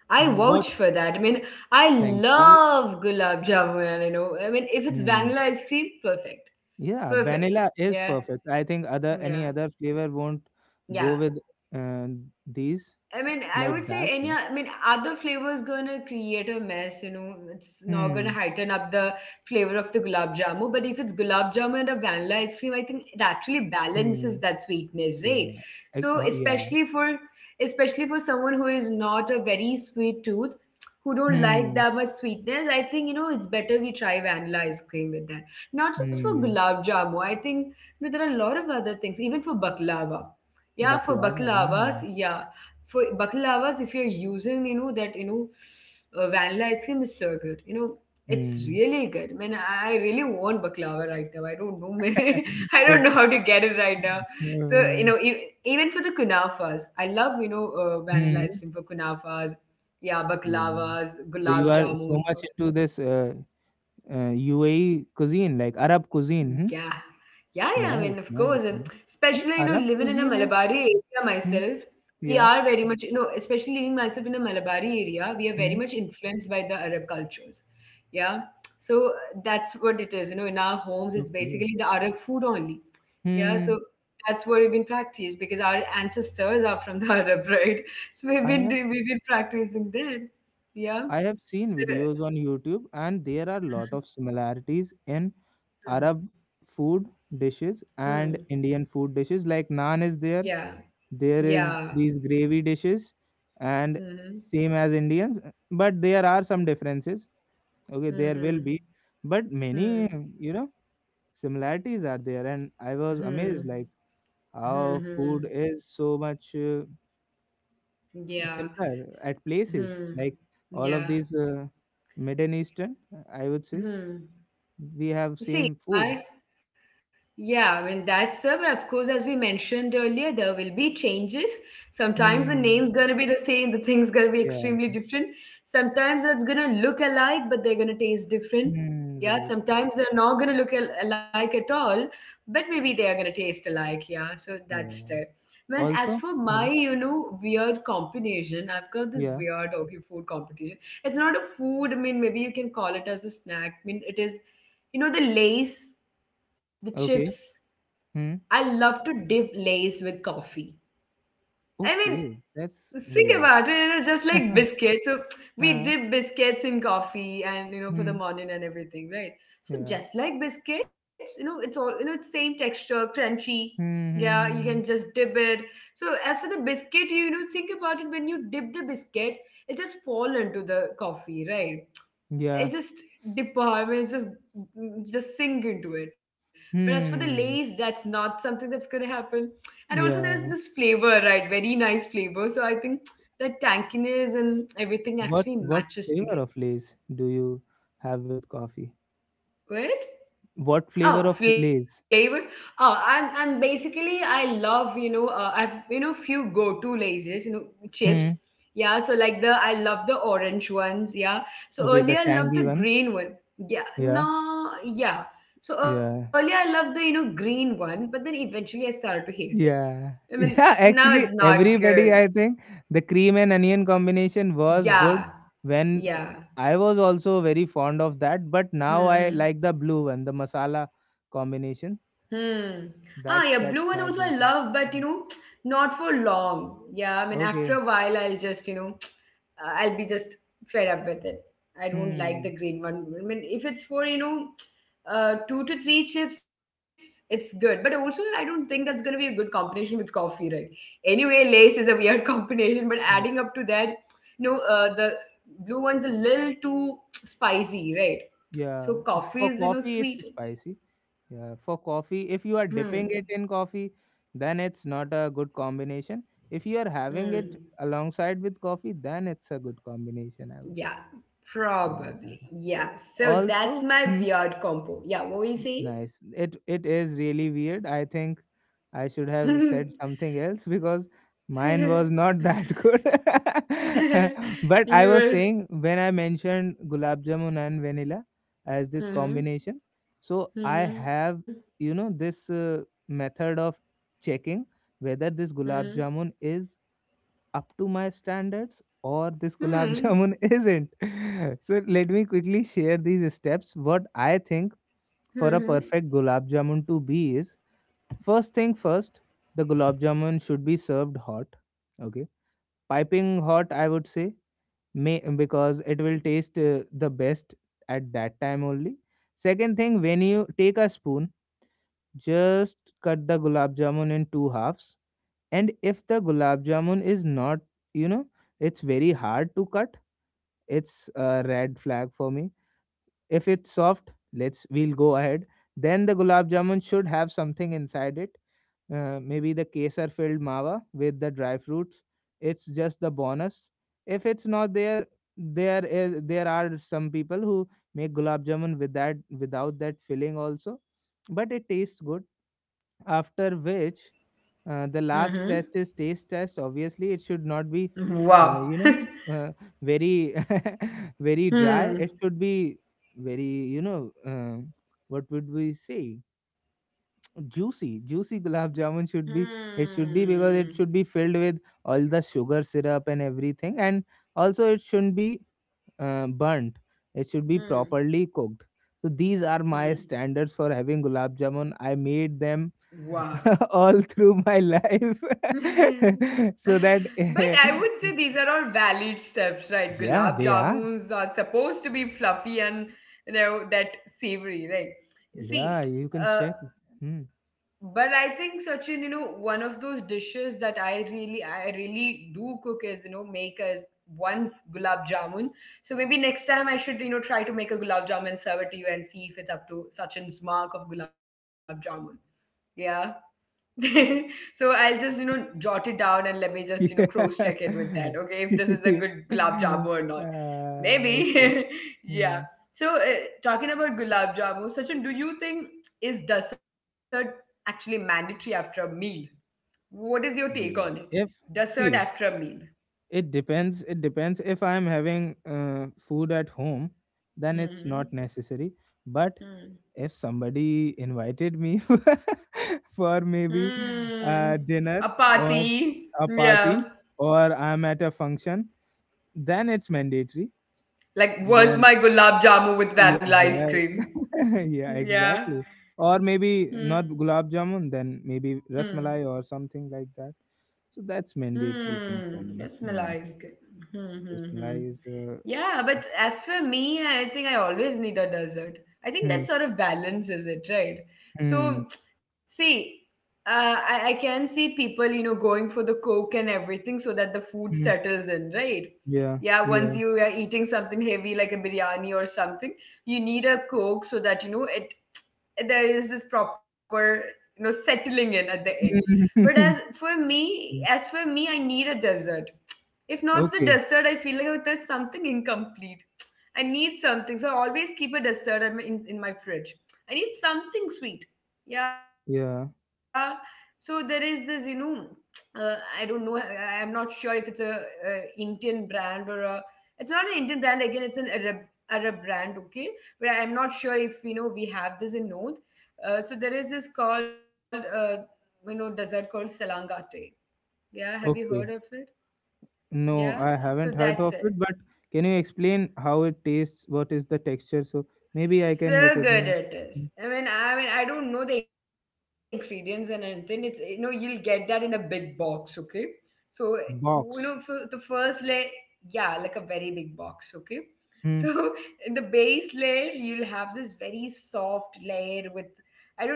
A: I
B: Mm, what,
A: vouch for that. I mean, I
B: thank you.
A: love gulab jamun. I mean, if it's
B: Hmm.
A: vanilla ice cream, perfect.
B: Yeah,
A: Perfect.
B: vanilla is
A: Yeah.
B: perfect. I think other any
A: Yeah.
B: other flavor won't go
A: Yeah.
B: with, uh, these,
A: I mean, I
B: like
A: would say
B: that.
A: any. I mean, other flavors gonna create a mess. It's not gonna
B: Hmm.
A: heighten up the flavor of the gulab jamun. But if it's gulab jamun and a vanilla ice cream, I think it actually
B: Hmm.
A: balances that sweetness, right?
B: Yeah. I,
A: So
B: yeah.
A: especially for someone who is not a very sweet tooth, who don't like
B: Hmm.
A: that much sweetness, I think it's better we try vanilla ice cream with that. Not just for
B: Hmm.
A: gulab jamun. I think there are a lot of other things, even for baklava. Yeah, for
B: Baklava.
A: baklavas,
B: Hmm.
A: yeah, for baklavas, if you're using that vanilla ice cream is so good, it's
B: Hmm.
A: really good. I mean, I really want baklava right now. I don't know. I
B: So,
A: don't know how to get it right now. So
B: uh,
A: even for the kunafas, I love vanilla ice
B: hmm.
A: cream for kunafas. Yeah,
B: Yeah.
A: baklavas,
B: So you
A: gulab
B: are so
A: jamun.
B: much into this, UAE cuisine, like Arab cuisine. Hmm?
A: Yeah. Yeah, yeah. I mean,
B: Nice.
A: of course. And
B: Nice. Hmm. And Arab
A: living in a
B: cuisine is...
A: Malabari area
B: Hmm.
A: myself, we
B: Yeah.
A: are very much, especially living myself in a Malabari area, we are very
B: Hmm.
A: much influenced by the Arab cultures. Yeah. So that's what it is. In our homes, it's
B: Okay.
A: basically the Arab food only. Yeah.
B: Hmm.
A: So that's what we've been practiced because our ancestors are from the Arab, right? So we've
B: I
A: been
B: have.
A: doing, we've been practicing that. Yeah.
B: I have seen
A: So,
B: videos on YouTube, and there are a lot of similarities in
A: hmm.
B: Arab food dishes and
A: Hmm.
B: Indian food dishes. Like naan is there,
A: Yeah.
B: there is
A: Yeah.
B: these gravy dishes, and
A: Hmm.
B: same as Indians, but there are some differences. Okay, there
A: Hmm.
B: will be, but many
A: Hmm.
B: you know similarities are there, and I was amazed
A: Hmm.
B: like
A: Hmm.
B: how
A: Hmm.
B: food is so much...
A: Yeah.
B: similar
A: S-
B: at places,
A: Hmm.
B: like all of
A: Yeah.
B: these, Middle Eastern, I would say
A: Hmm.
B: we have
A: You
B: same
A: see,
B: food.
A: I. Yeah, I mean, that's the, but of course, as we mentioned earlier, there will be changes. Sometimes the
B: Hmm.
A: name's going to be the same, the thing's going to be
B: Yeah.
A: extremely different. Sometimes it's going to look alike, but they're going to taste different.
B: Hmm.
A: Yeah,
B: Right.
A: sometimes they're not going to alike at all, but maybe they are going to taste alike. Yeah, so that's there.
B: Yeah.
A: Man, as
B: Also.
A: for my,
B: Hmm.
A: weird combination, I've got this
B: Yeah.
A: weird, okay, food competition. It's not a food, I mean, maybe you can call it as a snack. I mean, it is, the lace. The chips.
B: Okay. Hmm.
A: I love to dip Lays with coffee. I mean,
B: Okay. That's
A: think
B: weird.
A: about it, just like biscuits. So we
B: Uh,
A: dip biscuits in coffee and, for the
B: hmm.
A: morning and everything, right? So
B: Yeah.
A: just like biscuits, it's all, it's same texture, crunchy.
B: Hmm.
A: Yeah, you
B: Hmm,
A: can
B: hmm,
A: just dip it. So as for the biscuit, think about it, when you dip the biscuit, it just fall into the coffee, right?
B: hmm. Yeah.
A: I just department, I mean, just sink into it. But as for the lace,
B: Hmm.
A: that's not something that's gonna happen. And also there's this
B: Yeah.
A: flavor, right? Very nice flavor. So I think that tankiness and everything
B: What
A: actually
B: What
A: matches together.
B: flavor of Lay's do you have with coffee?
A: Right?
B: What flavor
A: Oh,
B: of
A: flavor.
B: Lay's?
A: Oh, and basically, I love I've few go to lasers, chips.
B: Hmm.
A: Yeah, so like the, I love the orange ones. Yeah, so
B: Okay,
A: earlier
B: the
A: I loved the
B: tangy one.
A: green one. Yeah,
B: Yeah.
A: no, yeah. So earlier
B: Yeah.
A: I loved the green one, but then eventually I started to hate it.
B: Yeah.
A: I mean,
B: Yeah,
A: now it's
B: actually
A: not good.
B: everybody I think the cream and onion combination was good
A: Yeah,
B: when,
A: yeah.
B: I was also very fond of that, but
A: Hmm.
B: now I
A: Hmm.
B: like the blue one, the masala combination.
A: Hmm. Ah, yeah, blue one
B: That's
A: also
B: that's
A: I
B: my
A: love,
B: go-to.
A: but
B: Mhm.
A: not for long. Yeah, I mean, after a
B: Okay.
A: while, I'll just, I'll be just fed up with it. I don't like the
B: Hmm.
A: green one. I mean, if it's for, two to three chips, it's good. But also, I don't think that's going to be a good combination with coffee, right? Anyway, lace is a weird combination, but adding up
B: Yeah.
A: to that, no, the blue one's a little too spicy, right?
B: Yeah,
A: So coffee
B: for
A: is,
B: coffee it's
A: sweet.
B: spicy. Yeah, for coffee, if
A: Hmm.
B: you are dipping it in coffee, then it's not a good combination. If you are having it
A: Mm,
B: alongside with coffee, then it's a good combination, I would
A: yeah,
B: say.
A: probably.
B: Yeah.
A: Yeah. So that's
B: Also,
A: my
B: hmm?
A: weird combo. Yeah, what were you saying?
B: Nice. It is really weird. I think I should have said something else because mine was not that good.
A: You
B: But I
A: were.
B: was saying, when I mentioned gulab jamun and vanilla as this
A: Mm-hmm.
B: combination, so I
A: Mm-hmm.
B: have this, method of checking whether this
A: Mm-hmm.
B: gulab jamun is up to my standards or this gulab
A: Mm-hmm.
B: jamun isn't. So let me quickly share these steps, what I think for a
A: Mm-hmm.
B: perfect gulab jamun to be is, first thing first, the gulab jamun should be served hot. Okay, piping hot, I would say, may, because it will taste, the best at that time only. Second thing, when you take a spoon, just cut the gulab jamun in two halves. And if the gulab jamun is not, you know, it's very hard to cut, it's a red flag for me. If it's soft, let's we'll go ahead. Then the gulab jamun should have something inside it. Maybe the kesar filled mawa with the dry fruits. It's just the bonus. If it's not there, there is there are some people who make gulab jamun without that filling also, but it tastes good. After which, the
A: Mm-hmm.
B: last test is taste test. Obviously it should not be,
A: Wow.
B: uh, you know uh, very very dry.
A: Hmm.
B: It should be very, you know um what would we say, juicy. Juicy gulab jamun should be. It should be
A: Hmm.
B: because it should be filled with all the sugar syrup and everything, and also it shouldn't be, burnt. It should be
A: Hmm.
B: properly cooked. So these are my
A: Hmm.
B: standards for having gulab jamun. I made them
A: Wow.
B: all through my life,
A: But
B: so that,
A: I would say these are all valid steps, right? Gulab
B: yeah, they are.
A: jamuns are supposed to be fluffy and that savory, right? See,
B: Yeah, you can
A: uh,
B: check. Hmm.
A: but I think Sachin, one of those dishes that I really do cook is make as once gulab jamun. So maybe next time I should try to make a gulab jamun and serve it to you and see if it's up to Sachin's mark of gulab jamun. Yeah. So I'll just, jot it down and let me just, cross
B: Yeah.
A: check it with that. Okay, if this is a good gulab jamu or not. Maybe.
B: Okay.
A: Yeah.
B: Hmm.
A: So talking about gulab jamu, Sachin, do you think is dessert actually mandatory after a meal? What is your take on it?
B: Yeah. If
A: Dessert after a
B: see,
A: meal.
B: it depends. It depends. If I am having, food at home, then it's not
A: Hmm.
B: necessary. But
A: Hmm.
B: if somebody invited me for maybe
A: Hmm. A
B: a dinner
A: party.
B: or a
A: Yeah.
B: party, or I'm at a function, then it's mandatory.
A: Like, where's
B: Then
A: my gulab jamu with
B: yeah,
A: vanilla ice
B: well,
A: cream?
B: yeah,
A: Yeah.
B: exactly. Or maybe
A: Hmm.
B: not gulab jamun, then maybe rasmalai or something like that. So
A: Hmm,
B: that's
A: the smell
B: mandatory
A: is
B: thing
A: good.
B: for me.
A: Hmm,
B: Hmm.
A: hmm, hmm. Yeah,
B: Rasmalai
A: but
B: is,
A: as for me, I think I always need a dessert. I think that sort of
B: hmm,
A: balances it, right? So,
B: hmm,
A: see, I can see people, going for the coke and everything so that the food settles in,
B: hmm,
A: right? Yeah, once
B: yeah,
A: you are
B: yeah.
A: eating something heavy like a biryani or something, you need a coke so that, it there is this proper settling in at the end. But as for me, I need a desert. If not the dessert,
B: Okay,
A: I feel like there's something incomplete. I need something, so I always keep a dessert at my, in my fridge. I need something sweet. Yeah. So
B: yeah,
A: there is this, I don't know. I'm not sure if it's a Indian brand or a. It's not an Indian brand again. It's an Arab brand. Okay, but I'm not sure if we have this in North. So there is this called dessert called salangate. Yeah, have you heard of it?
B: okay.
A: Yeah.
B: No,
A: So
B: I
A: that's
B: haven't heard
A: it.
B: of it, but can you explain how it tastes? What is the texture? So maybe I can
A: So good
B: recognize
A: it
B: it.
A: is. I mean, I don't know the ingredients and anything. It's you'll get that in a big box, okay? So for
B: Box.
A: the first layer, yeah, like a very big box, okay?
B: Hmm.
A: So in the base layer, you'll have this very soft layer with,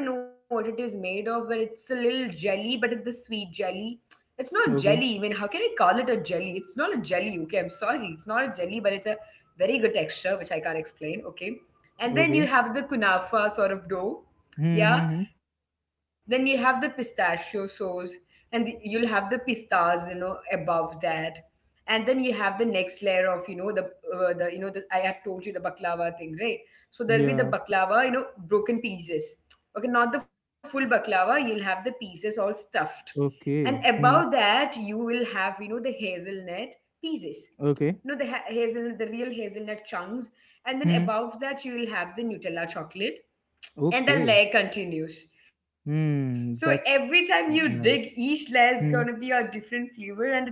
A: I don't know what it is made of, but it's a little jelly, but it's the sweet jelly. It's not
B: Okay.
A: jelly. I mean, how can I call it a jelly? It's not a jelly, okay? I'm sorry, it's not a jelly, but it's a very good texture, which I can't explain, okay?
B: Okay.
A: And then you have the kunafa sort of
B: Hmm.
A: dough.
B: Hmm, hmm.
A: Yeah, then you have the pistachio sauce, and you'll have the pistas, above that. And then you have the next layer of, you know the you know the, I have told you the baklava thing, right? So
B: Yeah.
A: there'll be the baklava, broken pieces. Okay, not the full baklava, you'll have the pieces all stuffed.
B: Okay.
A: And
B: Hmm.
A: above that you will have, the hazelnut pieces,
B: Okay.
A: hazelnut, the real hazelnut chunks.
B: Hmm.
A: And then above that you will have the Nutella chocolate,
B: Okay.
A: and the layer continues. So
B: Hmm.
A: every
B: That's
A: time you dig,
B: nice.
A: each layer is gonna
B: Hmm.
A: be a different flavor, and it's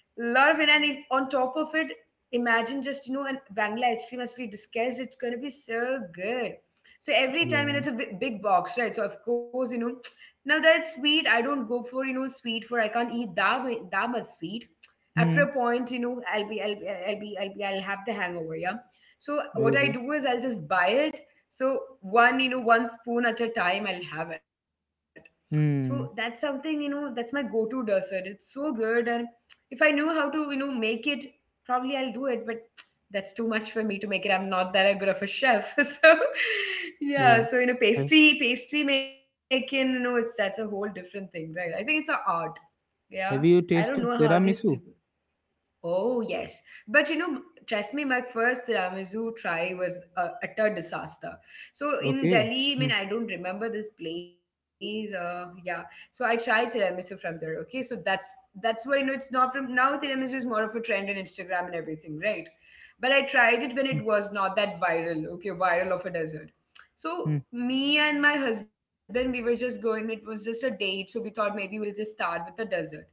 A: a lot of it. And it, on top of it, imagine just, an vanilla ice cream as we discussed. It's gonna be so good. So every
B: Yeah.
A: time, and it's a big box, right? So of course, now that's sweet. I don't go for, sweet, for I can't eat that that much sweet.
B: Hmm.
A: After a point, I'll be I'll be I'll be I'll be I'll have the hangover. Yeah. So
B: Okay.
A: what I do is I'll just buy it, so one, one spoon at a time I'll have it. So that's
B: Hmm.
A: something, that's my go-to dessert. It's so good. And if I knew how to, make it, probably I'll do it, but that's too much for me to make it. I'm not that good of a chef so
B: Yeah.
A: yeah. So
B: Have,
A: pastry making, you know it's that's a whole different thing, right? I think it's an art. Yeah,
B: have you
A: I don't know
B: tasted
A: how these people…
B: tiramisu?
A: Oh, yes. But you know, trust me, my first tiramisu try was a utter disaster. So in
B: Okay.
A: Delhi, I
B: Hmm.
A: mean, I don't remember this place. Yeah. So I tried tiramisu from there. Okay. So that's where, it's not from now. Tiramisu is more of a trend on Instagram and everything, right? But I tried it when
B: Hmm.
A: it was not that viral. Okay, viral of a desert.
B: Hmm,
A: So me and my husband, we were just going. It was just a date, so we thought maybe we'll just start with the desert. Yeah,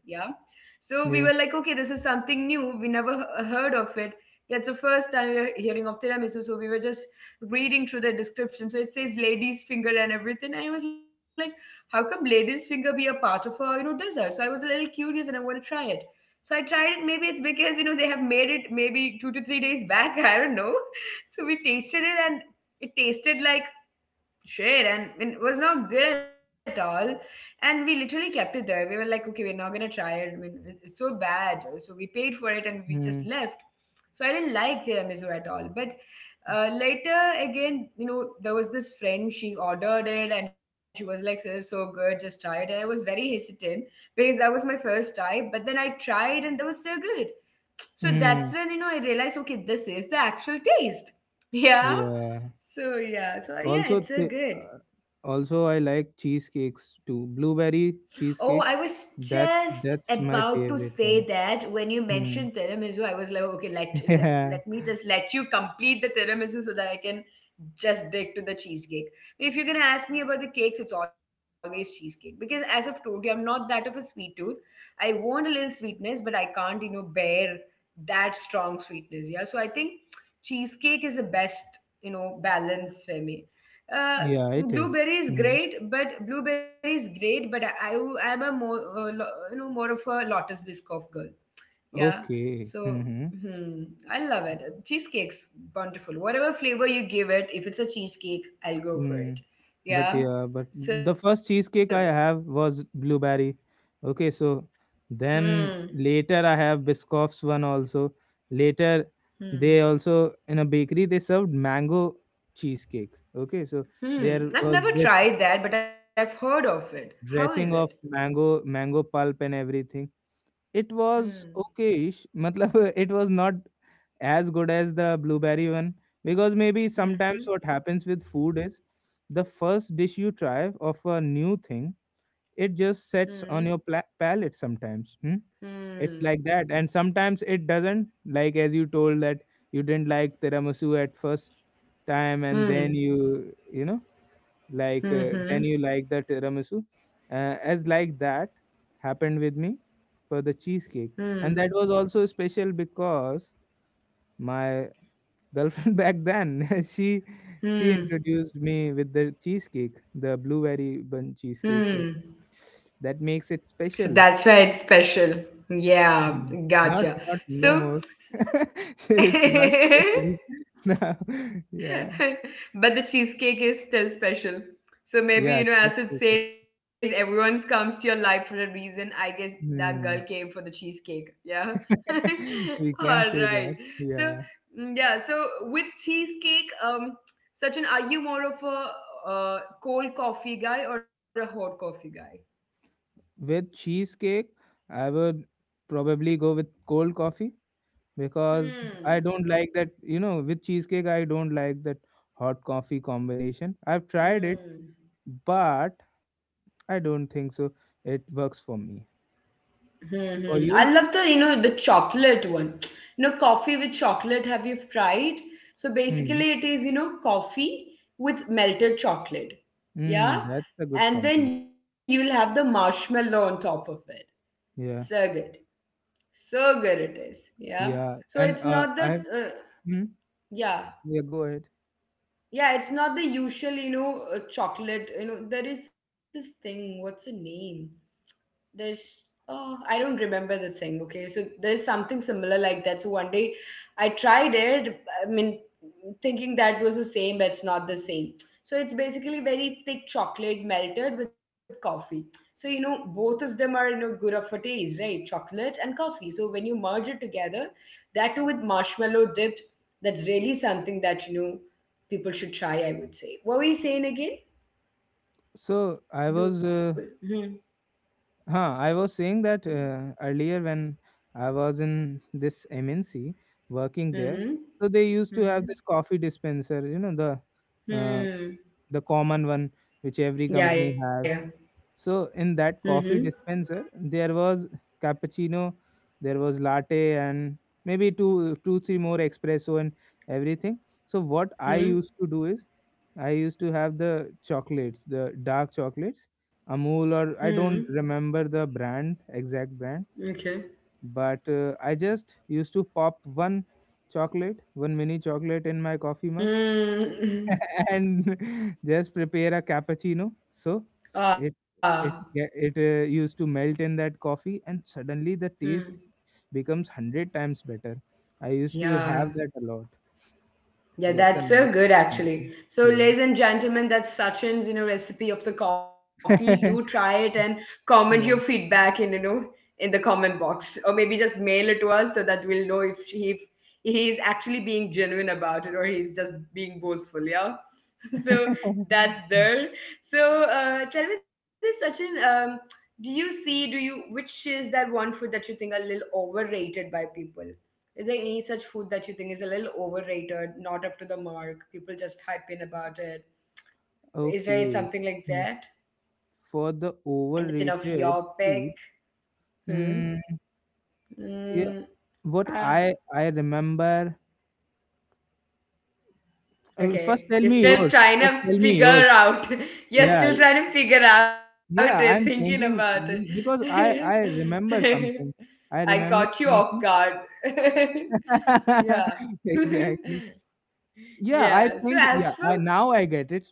A: so we were like,
B: yeah.
A: okay, this is something new. We never heard of it. That's the first time we are hearing of tiramisu. So we were just reading through the description. So it says lady's finger and everything. And I was like, how come lady's finger be a part of a, dessert? So I was a little curious and I want to try it. So I tried it. Maybe it's because, they have made it maybe 2 to 3 days back. I don't know. So we tasted it and it tasted like share, and it was not good at all. And we literally kept it there. We were like, okay, we're not gonna try it. I mean, it's so bad. So we paid for it and we just
B: Hmm.
A: left. So I didn't like tiramisu at all. But later again, there was this friend. She ordered it and she was like, this is so good, just try it. And I was very hesitant because that was my first time. But then I tried, and that was so good. So that's
B: Hmm.
A: when, I realized okay, this is the actual taste. Yeah.
B: Yeah.
A: So yeah, so yeah,
B: Also,
A: it's so good.
B: also I like cheesecakes too. Blueberry
A: Oh, I
B: cheesecake,
A: was
B: that
A: just
B: that's
A: about to
B: my
A: say
B: favorite one.
A: that. When you mentioned
B: Hmm.
A: tiramisu, I was like, okay, let
B: Yeah,
A: me just let you complete the tiramisu so that I can just dig to the cheesecake. If you're gonna ask me about the cakes, it's always cheesecake because as I've told you, I'm not that of a sweet tooth. I want a little sweetness, but I can't, you know, bear that strong sweetness. Yeah, so I think cheesecake is the best, you know, balance for me.
B: yeah,
A: Uh,
B: it is.
A: blueberry is
B: Hmm.
A: great, but I am a more you know, more of a Lotus Biscoff girl. Yeah,
B: Okay.
A: so
B: Mm-hmm.
A: hmm, I love it. Cheesecake's wonderful, whatever flavor you give it. If it's a cheesecake, I'll go for
B: Mm.
A: it.
B: But
A: Yeah.
B: yeah, but
A: So
B: the first cheesecake I have was blueberry. Okay, so
A: hmm.
B: then later I have Biscoff's one also. Later
A: Hmm.
B: they also in a bakery they served mango cheesecake. Okay, so
A: Hmm.
B: there
A: I've
B: was
A: never
B: this
A: tried that, but I've heard of it. How is it?
B: dressing of mango pulp and everything. It was
A: Hmm.
B: okay, matlab it was not as good as the blueberry one, because maybe sometimes
A: Hmm.
B: what happens with food is, the first dish you try of a new thing, it just
A: Hmm.
B: sets on your palate sometimes, hmm? It's
A: Hmm.
B: like that, and sometimes it doesn't. Like, as you told that, you didn't like tiramisu at first time, and
A: Hmm.
B: then you know like
A: Hmm.
B: then
A: Hmm.
B: you like the tiramisu. As like that happened with me for the cheesecake.
A: Hmm.
B: And that was also special because my girlfriend back then she she
A: Hmm.
B: introduced me with the cheesecake, the blueberry bun
A: Hmm.
B: cheesecake, so that makes
A: So
B: it
A: that's why
B: special.
A: it's special. Yeah,
B: Mm.
A: gotcha.
B: Not
A: So,
B: no more. It's
A: but
B: not special now. Yeah,
A: the cheesecake is still special. So maybe,
B: yeah,
A: you know, as it
B: cheesecake.
A: says, everyone's comes to your life for a reason. I guess that girl came for the
B: Hmm.
A: cheesecake. Yeah. All
B: We can
A: right.
B: say that,
A: So,
B: yeah.
A: mm, yeah. So with cheesecake, Sachin, are you more of a cold coffee guy or a hot coffee guy?
B: With cheesecake, I would probably go with cold coffee because I
A: Hmm.
B: don't like that, you know, with cheesecake, I don't like that hot coffee combination. I've tried it,
A: Hmm.
B: but I don't think so. It works for me.
A: Hmm, hmm.
B: For
A: I
B: you?
A: love the, you know, the chocolate one. You know, coffee with chocolate, have you tried? So
B: Hmm.
A: basically it is, you know, coffee with melted chocolate. Yeah.
B: Hmm. That's a good
A: And then
B: combination.
A: you'll have the marshmallow on top of it. So
B: Yeah.
A: good. So good it is. Yeah.
B: Yeah.
A: So it's
B: And
A: not the,
B: hmm?
A: yeah.
B: Yeah, go ahead.
A: Yeah, it's not the usual, you know, chocolate. You know, there is this thing, what's the name? There's, oh, I don't remember the thing. Okay, so there's something similar like that. So one day I tried it, I mean, thinking that was the same, but it's not the same. So it's basically very thick chocolate melted with coffee. So you know, both of them are, you know, good of a taste, right? Chocolate and coffee. So when you merge it together, that too with marshmallow dipped, that's really something that, you know, people should try, I would say. What were you saying again?
B: So I
A: You,
B: was
A: mm-hmm.
B: huh, I was saying that earlier when I was in this MNC working there. So they used to
A: Mm-hmm.
B: have this coffee dispenser, you know, uh,
A: Hmm.
B: the common one which every
A: Yeah, yeah.
B: company have. So in that
A: Mm-hmm.
B: coffee dispenser, there was cappuccino, there was latte, and maybe two, two, three more espresso and everything. So what I
A: Hmm.
B: used to do is, I used to have the chocolates, the dark chocolates, Amul, or
A: Hmm.
B: I don't remember the brand, exact brand,
A: Okay.
B: but I just used to pop one chocolate, one mini chocolate in my coffee mug
A: Hmm.
B: and just prepare a cappuccino. So it
A: Ah.
B: it used to melt in that coffee, and suddenly the
A: Hmm.
B: taste becomes hundred times better. I used to
A: Yeah.
B: have that a lot.
A: Yeah,
B: That's a
A: that's
B: nice.
A: so good
B: Mhm.
A: actually. So,
B: Yeah.
A: ladies and gentlemen, that's Sachin's, you know, recipe of the coffee. Do try it and comment your
B: Yeah.
A: feedback in, in the comment box, or maybe just mail it to us, so that we'll know if he, is actually being genuine about it, or he's just being boastful. Yeah. So that's there. So tell me this, Sachin. Do you see? Do you which is that one food that you think are a little overrated by people? Is there any such food that you think is a little overrated, not up to the mark? People just hype in about it. Is there
B: Okay.
A: something like
B: Hmm.
A: that?
B: For
A: Anything
B: the
A: of your pick?
B: overrated food,
A: Hmm.
B: mm,
A: Mm,
B: yeah, what
A: ah.
B: I remember. First,
A: Okay.
B: tell
A: You're
B: me
A: still
B: yours.
A: trying
B: First,
A: to
B: tell me yours.
A: figure out. You're
B: Yeah,
A: still trying to figure out it,
B: yeah,
A: thinking
B: I'm
A: about it.
B: thinking because I remember something.
A: I
B: I
A: caught you
B: remember
A: off guard.
B: something.
A: Yeah.
B: Exactly. Yeah,
A: Yeah.
B: I
A: So
B: think,
A: as for,
B: yeah, I now I get it.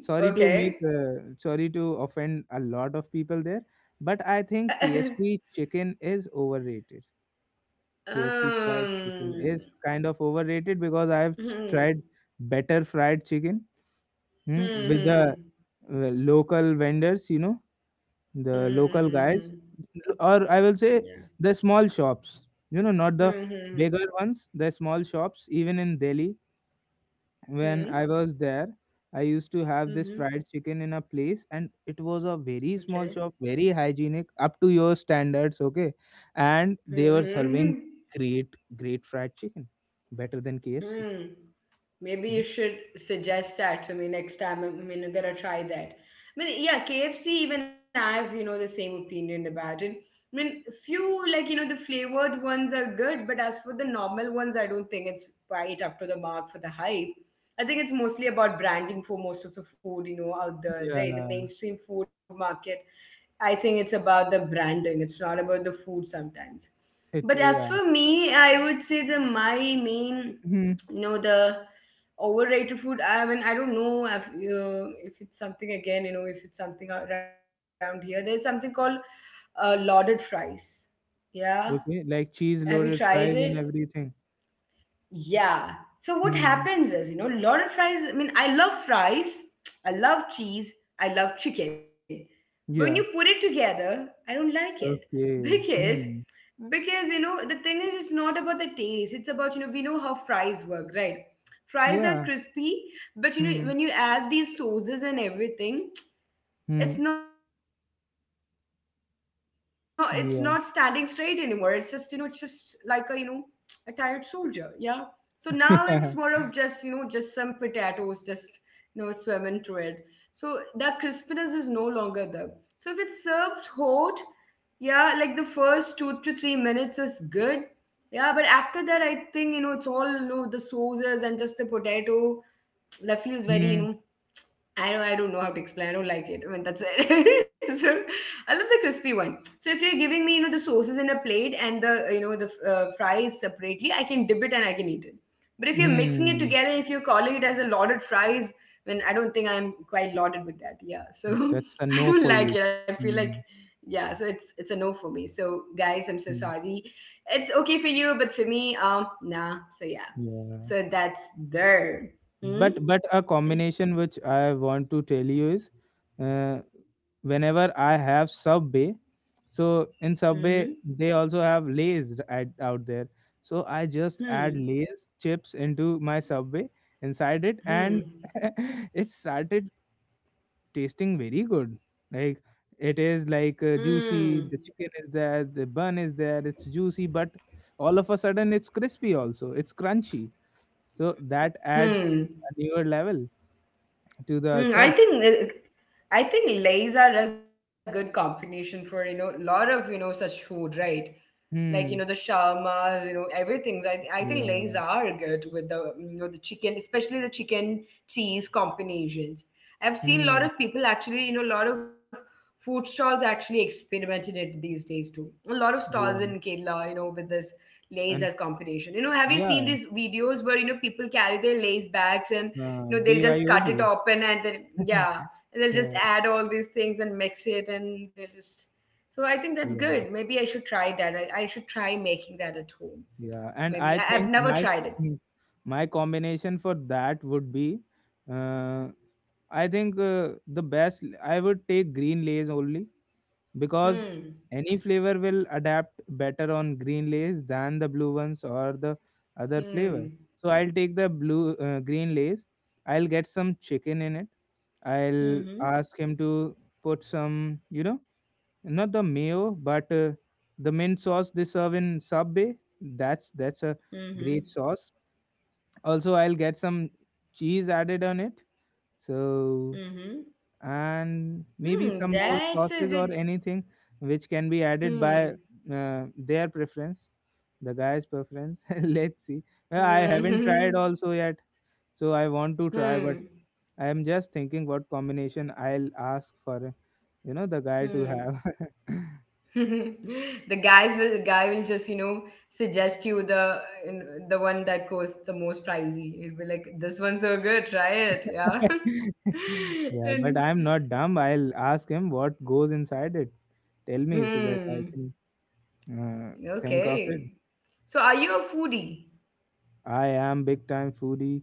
B: Sorry to make
A: okay.
B: sorry to offend a lot of people there, but I think KFC chicken is overrated. KFC fried chicken
A: Um.
B: is kind of overrated because I've
A: Hmm.
B: tried better fried chicken, hmm,
A: Hmm.
B: with
A: Hmm.
B: the local vendors, you know,
A: Hmm.
B: the
A: Hmm.
B: local
A: Hmm.
B: guys, or I will say
A: Yeah.
B: the small shops, you know, not the
A: Hmm. Hmm.
B: bigger ones, the small shops, even in Delhi. When
A: Hmm.
B: I was there, I used to have
A: Hmm.
B: this
A: Hmm.
B: fried chicken in a place, and it was a very
A: Okay.
B: small shop, very hygienic, up to your standards, okay, and
A: Hmm.
B: they were
A: Hmm, hmm.
B: serving great, great fried chicken, better than KFC.
A: Hmm. Maybe you
B: Hmm.
A: should suggest that to me next time. I mean, I'm gonna try that. I mean, yeah, KFC, even I have, you know, the same opinion about it. I mean, few, like, you know, the flavored ones are good, but as for the normal ones, I don't think it's quite up to the mark for the hype. I think it's mostly about branding for most of the food, you know, out there, right? The
B: Yeah.
A: mainstream food market. I think it's about the branding. It's not about the food sometimes.
B: It,
A: But as
B: yeah.
A: for me, I would say the my main,
B: Hmm.
A: you know, the overrated food. I mean, I don't know if you, if it's something again, you know, if it's something around here. There's something called lauded fries. Yeah,
B: Okay, like
A: have you
B: cheese
A: tried
B: loaded
A: it?
B: fries and everything.
A: Yeah. So what
B: Hmm.
A: happens is, you know, a lot of fries. I mean, I love fries. I love cheese. I love chicken. But when you put
B: Yeah.
A: it together, I don't like it
B: Okay.
A: because
B: Hmm.
A: you know, the thing is, it's not about the taste. It's about, you know, we know how fries work, right? Fries are
B: Yeah.
A: crispy, but you know,
B: Hmm.
A: when you add these sauces and everything,
B: Hmm.
A: it's not standing straight anymore. It's just, you know, it's just like a,
B: Yeah.
A: you know, a tired soldier. Yeah. So now it's more of just, you know, just some
B: Yeah.
A: potatoes just, you know, swimming through it. So that crispness is no longer there. So if it's served hot, yeah, like the first 2 to 3 minutes is good. Yeah, but after that, I think, you know, it's all, you know, the sauces and just the potato. That feels very, you know,
B: Hmm.
A: I don't, know how to explain. I don't like it. I mean, that's it. So I love the crispy one. So if you're giving me, you know, the sauces in a plate and the, you know, the fries separately, I can dip it and I can eat it. But if you're mixing it together, if
B: Hmm.
A: you're calling it as a lauded fries, then I don't think I'm quite lauded with that. Yeah. So
B: That's
A: I
B: a
A: don't
B: no for
A: like it.
B: you.
A: I feel like,
B: Hmm.
A: yeah. So it's a no for me. So guys, I'm so
B: Mm.
A: sorry. It's okay for you, but for me, nah. So yeah.
B: Yeah.
A: So that's there. Hmm.
B: But a
A: Mm.
B: combination which I want to tell you is, uh, whenever I have Subway, so in
A: Mm-hmm.
B: Subway they also have Lay's at, out there. So I just add
A: Hmm.
B: Lay's chips into my Subway inside it,
A: Hmm.
B: and it started tasting very good. Like, it is like
A: Hmm.
B: juicy. The chicken is there. The bun is there. It's juicy, but all of a sudden it's crispy. Also, it's crunchy. So that
A: Hmm.
B: adds a newer level to
A: Mm,
B: the sub.
A: I think lays are a good combination for a lot of such food, right? Like you know the
B: Hmm.
A: shawarmas, you know everything's. I think lays
B: Yeah.
A: are good with the the chicken, especially the chicken cheese combinations. I've seen a lot of
B: Hmm.
A: people actually, you know, a lot of food stalls actually experimented it these days too. A lot of stalls in
B: Yeah.
A: Kerala, you know, with this lays as
B: And
A: combination. You know, have you seen these
B: yeah.
A: videos where you know people carry their lays bags and you know they'll just cut it
B: BYOB.
A: open and then yeah and they'll just
B: Yeah.
A: add all these things and mix it and they'll just so I think that's
B: Yeah.
A: good maybe I should try that I should try making that at home
B: Yeah,
A: so
B: and
A: maybe
B: I
A: I, I've
B: think
A: never
B: my
A: tried it.
B: mm, my combination for that would be, uh, I think, the best, I would take green Lays only because
A: Hmm.
B: any flavor will adapt better on green Lays than the blue ones or the other flavor.
A: Hmm.
B: So I'll take the blue green Lays. I'll get some chicken in it. I'll
A: Hmm.
B: ask him to put some, you know, not the mayo, but the mint sauce they serve in Subway. That's a
A: Hmm.
B: great sauce. Also, I'll get some cheese added on it. So
A: Hmm.
B: and
A: Hmm.
B: maybe some more
A: That's a
B: sauces
A: good
B: or anything which can be added
A: hmm.
B: by their preference, the guy's preference. Let's see. I haven't
A: Hmm.
B: tried also yet, so I want to try, but
A: hmm.
B: I am just thinking what combination I'll ask for, you know, the guy to
A: Hmm.
B: have.
A: the guy will just suggest you the one that costs the most pricey. It'll be like, "This one's so good, try it." Yeah.
B: Yeah, but
A: and
B: I'm not dumb. I'll ask him what goes inside it. Tell me so that I
A: hmm.
B: can uh, think of it.
A: Okay. So are you a foodie?
B: I am big time foodie.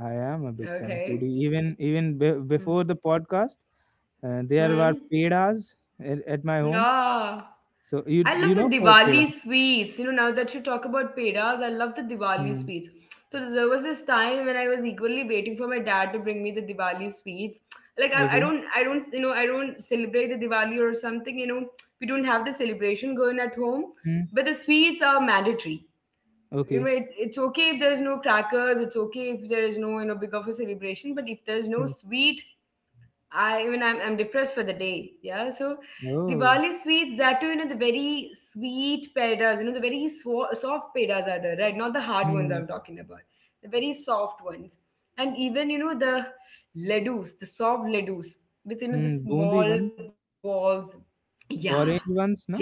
B: I am a big
A: Okay.
B: time foodie.
A: Hmm.
B: Before the podcast, there were
A: Hmm.
B: pedas at my home.
A: Ah,
B: So you
A: I love the
B: know peda.
A: Diwali sweets. You know, now that you talk about pedas, I love the Diwali
B: Hmm.
A: sweets. So there was this time when I was equally waiting for my dad to bring me the Diwali sweets. Like
B: Okay.
A: I don't, you know, I don't celebrate the Diwali or something. You know, we don't have the celebration going at home,
B: Hmm.
A: but the sweets are mandatory. You know,
B: Okay.
A: it's okay if there's no crackers. It's okay if there is no, you know, big of a celebration. But if there's no
B: Hmm.
A: sweet, I'm depressed for the day. Yeah. So
B: Oh.
A: Diwali sweets, that too, you know, the very sweet pedas, you know, the soft pedas are there, right? Not the hard ones
B: Hmm.
A: I'm talking about. The very soft ones. And even, you know, the ledus, the soft ledus with, you know, the
B: Hmm. Bundi
A: small
B: one,
A: balls. Yeah.
B: orange ones,
A: Yeah.
B: no?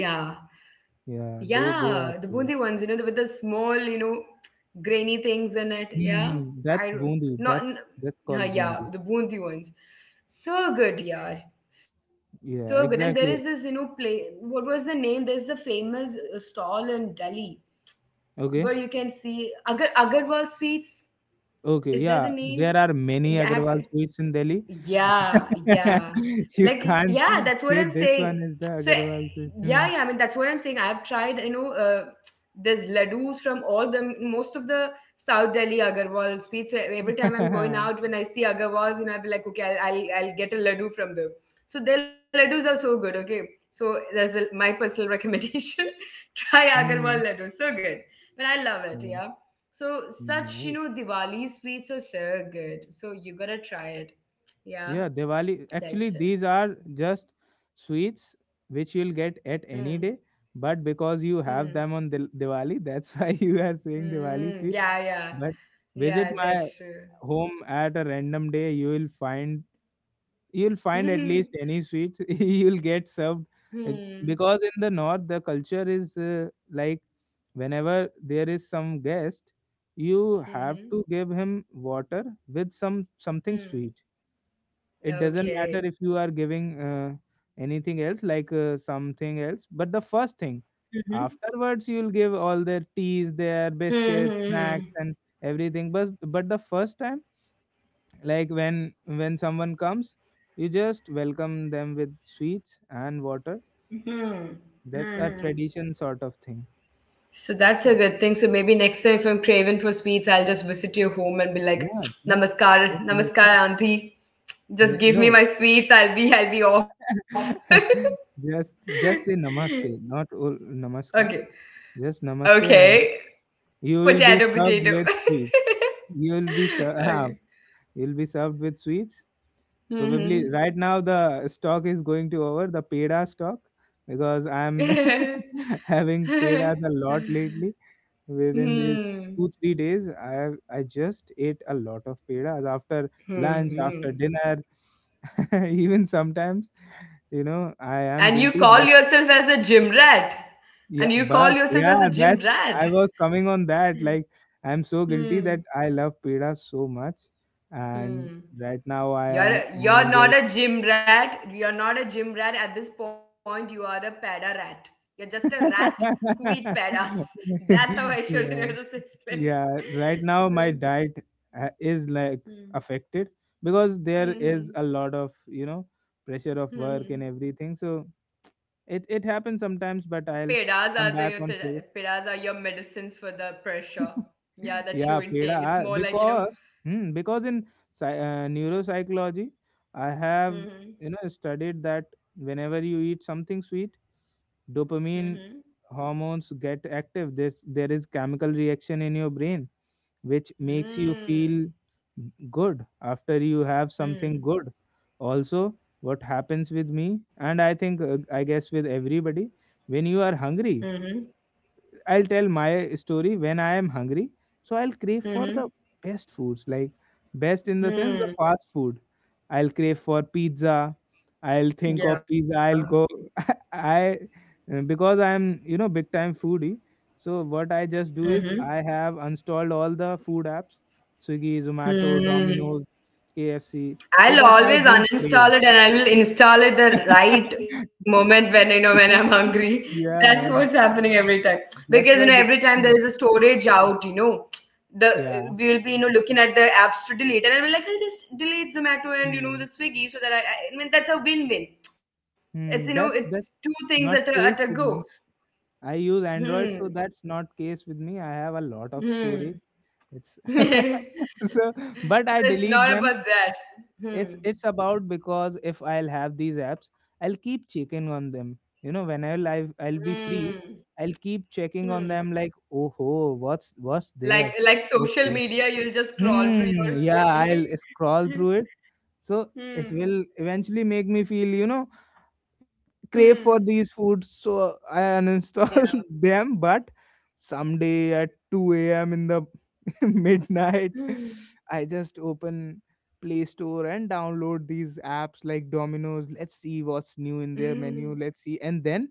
B: Yeah,
A: Yeah,
B: they
A: the
B: are.
A: bundi ones, you know, the, with the small, you know, grainy things in it. Yeah,
B: Mm-hmm.
A: I
B: That's
A: don't-
B: bundi.
A: not. N-
B: That's
A: Huh,
B: called
A: yeah,
B: bundi.
A: the bundi ones. So good, yeah, so good. And there is
B: Yeah,
A: this, you know,
B: exactly.
A: play. What was the name? There's the famous stall in Delhi where you can
B: Okay.
A: see Agarwal Sweets. Is that
B: Okay.
A: the
B: Yeah,
A: name?
B: there are
A: Yeah, I
B: many
A: have.
B: Agarwal sweets in Delhi.
A: Yeah, yeah.
B: You
A: Like, yeah,
B: can't
A: that's what I'm
B: say
A: saying.
B: this one is
A: So,
B: the Agarwal sweet.
A: yeah, yeah, I
B: Hmm.
A: mean, that's what I'm saying. I've tried, you know, There's ladoos from all the, most of the South Delhi Agarwal sweets. So every time I'm going out, when I see Agarwals, you know, I'll be like, okay, I'll get a ladoo from them. So their ladoos are so good, okay? So there's a, my personal recommendation. Try
B: Mm.
A: Agarwal ladoo. So good. But I love it,
B: Yeah.
A: yeah. So such, you
B: Nice.
A: know, Diwali sweets are so good. So you gotta try it. Yeah.
B: Yeah, Diwali. Actually,
A: That's it.
B: these are just sweets which you'll get at
A: Hmm.
B: any day, but because you have
A: Hmm.
B: them on Diwali, that's why you are saying Diwali sweet.
A: Hmm. Yeah. Yeah.
B: But visit
A: Yeah.
B: my
A: That's true.
B: home at a random day, you will find you'll find at least
A: hmm.
B: any sweets you'll get served. Uh,
A: Hmm.
B: because in the north the culture is, like, whenever there is some guest, you have to
A: Hmm.
B: give him water with some something sweet.
A: Hmm.
B: It doesn't matter if
A: Okay.
B: you are giving, anything else, like, something else, but the first thing,
A: Mhm.
B: afterwards you'll give all their teas, their biscuits,
A: Hmm.
B: snacks,
A: Hmm.
B: and everything, but the first time, like, when someone comes, you just welcome them with sweets and water.
A: Hmm. Hmm.
B: That's
A: Hmm.
B: a tradition sort of thing.
A: So that's a good thing. So maybe next time if I'm craving for sweets, I'll just visit your home and be like,
B: Yeah, yes,
A: "Namaskar,
B: yes, yes,
A: namaskar,
B: yes.
A: auntie. Just
B: N-
A: give me
B: no.
A: my sweets. I'll be off."
B: just just say namaste, not
A: Okay.
B: namaskar. Just namaste
A: Okay.
B: and you will be
A: Potato,
B: served
A: potato.
B: with sweets. You will be
A: Okay.
B: you'll be served with sweets. Probably
A: Mm-hmm.
B: right now the stock is going to over, the peda stock, because I'm having
A: hmm.
B: pedas a lot lately. Within these two-three days, I just ate a lot of pedas after lunch, after dinner,
A: Hmm.
B: even sometimes. You know, I am
A: And you
B: guilty.
A: call yourself as a gym rat. And
B: Yeah,
A: you call
B: but
A: yourself as
B: yeah,
A: a gym
B: that's
A: rat.
B: I was coming on that.
A: Hmm.
B: Like, I'm so guilty that I love peda so much, and
A: Hmm.
B: right now I am
A: You're
B: on
A: not
B: just.
A: a gym rat. You're not a gym rat at this point. You are a peda rat. You're just a rat who eat pedas. That's how I should have
B: Yeah,
A: explained.
B: yeah. Right now
A: So,
B: my diet is like
A: hmm.
B: affected because there is a
A: Mhm.
B: lot of, you know, pressure of work and
A: Mhm.
B: everything. So it happens sometimes, but I'll come back on track.
A: Pedas are your medicines for the pressure. Yeah,
B: Yeah,
A: that you
B: peda.
A: intake.
B: I-
A: It's more like you
B: because
A: know.
B: hmm, because in neuropsychology, I have, you know,
A: Mhm.
B: studied that whenever you eat something sweet, dopamine
A: Mhm.
B: hormones get active. This there is chemical reaction in your brain which makes you feel
A: Mhm.
B: good after you have something
A: Mhm.
B: good. Also, what happens with me, and I think, I guess with everybody, when you are hungry,
A: Mhm.
B: I'll tell my story, when I am hungry. So I'll crave for the
A: Mhm.
B: best foods, like best in the sense the
A: Mhm.
B: fast food. I'll crave for pizza. I'll think of
A: Yeah.
B: pizza. I'll go. I because I'm, you know, big time foodie. So what I just do
A: Mhm.
B: is I have installed all the food apps, Swiggy, Zomato,
A: Mhm.
B: Domino's, KFC, so
A: I'll
B: that I
A: always
B: don't crave.
A: uninstall it and I will install it the right moment when I know when I'm hungry. That's what's
B: Yeah,
A: happening every time. Because you know,
B: that's
A: every
B: why.
A: time there is a storage out, you know, the we
B: Yeah.
A: will be you know looking at the apps to delete, and I'll be like, I'll just delete Zomato and you know the
B: Hmm.
A: Swiggy so that I mean that's a win-win. It's you know
B: Hmm, that
A: it's two
B: that's
A: things
B: not
A: at a
B: case
A: go.
B: with me. I use Android,
A: Hmm.
B: so that's not case with me. I have a lot of
A: Hmm.
B: storage. It's
A: So
B: so, but I
A: it's
B: delete
A: not
B: them.
A: about that.
B: It's
A: Hmm.
B: it's about because if I'll have these apps, I'll keep checking on them. You know, whenever I'll be
A: Hmm.
B: free, I'll keep
A: Hmm.
B: checking on them. Like, oh ho, what's there?
A: Like social
B: Okay.
A: media, you'll just scroll through
B: Hmm.
A: your
B: Yeah, I'll
A: Swiggy.
B: scroll through it. So it
A: Hmm.
B: will eventually make me feel, you know,
A: Hmm.
B: crave for these foods, so I
A: Yeah.
B: uninstall them. But someday at 2 a.m. in the midnight,
A: Hmm.
B: I just open Play Store and download these apps like Domino's. Let's see what's new in their
A: Hmm.
B: menu. Let's see. And then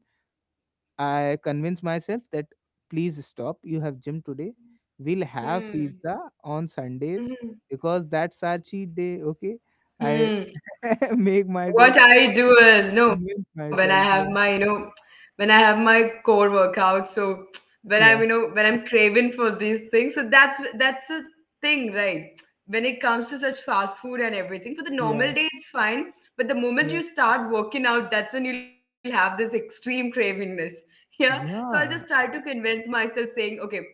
B: I convince myself that please stop. You have gym today. We'll have
A: Hmm.
B: pizza on Sundays
A: Hmm.
B: because that's our cheat day. Okay. I
A: Hmm.
B: make myself
A: What I do is no, when I
B: convince
A: have my
B: myself.
A: you
B: Yeah.
A: know when I have my core workout, so when I'm you know
B: Yeah.
A: when I'm craving for these things, so that's the thing, right? When it comes to such fast food and everything, for the normal
B: Yeah,
A: day it's fine, but the moment you
B: yeah.
A: start working out, that's when you'll have this extreme cravingness. Yeah. So I'll just
B: Yeah,
A: try to convince myself saying, okay,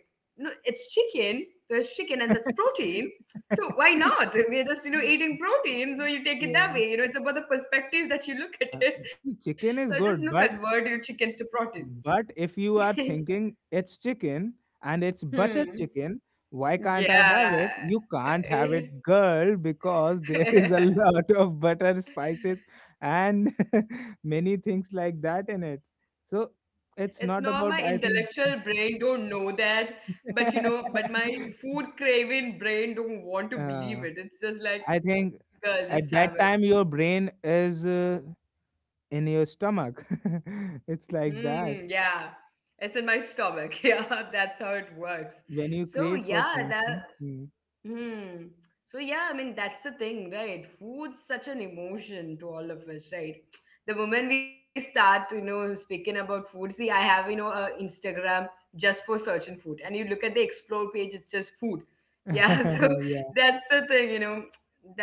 A: no, it's chicken, there's chicken and that's protein, so why not? We're just, you know, eating protein. So you take
B: yeah.
A: it that way. You know, it's about the perspective that you
B: Uh,
A: look at
B: see,
A: it.
B: chicken is
A: So I just, you
B: good,
A: know, convert your chickens to protein.
B: but if you are thinking it's chicken and it's butter chicken,
A: Hmm.
B: why can't I have it? You
A: Yeah.
B: can't have it, girl, because there is a lot of butter, spices, and many things like that in it. So it's not
A: It's
B: about,
A: not
B: I
A: my
B: think,
A: intellectual brain don't know that, but you know, but my food craving brain don't want to
B: uh,
A: believe it. It's
B: I
A: just like,
B: think at that
A: girl,
B: time
A: just
B: your
A: have it.
B: brain is, in your stomach. It's like that
A: Mm, yeah. It's in my stomach. Yeah, that's how it works.
B: when you crave
A: So
B: for things.
A: yeah, that
B: Mm,
A: hmm. So yeah, I mean that's the thing, right? Food's such an emotion to all of us, right? The moment we start, you know, speaking about food, see, I have, you know, a Instagram just for searching food, and you look at the explore page, it's just food. Yeah,
B: yeah.
A: so that's the thing, you know,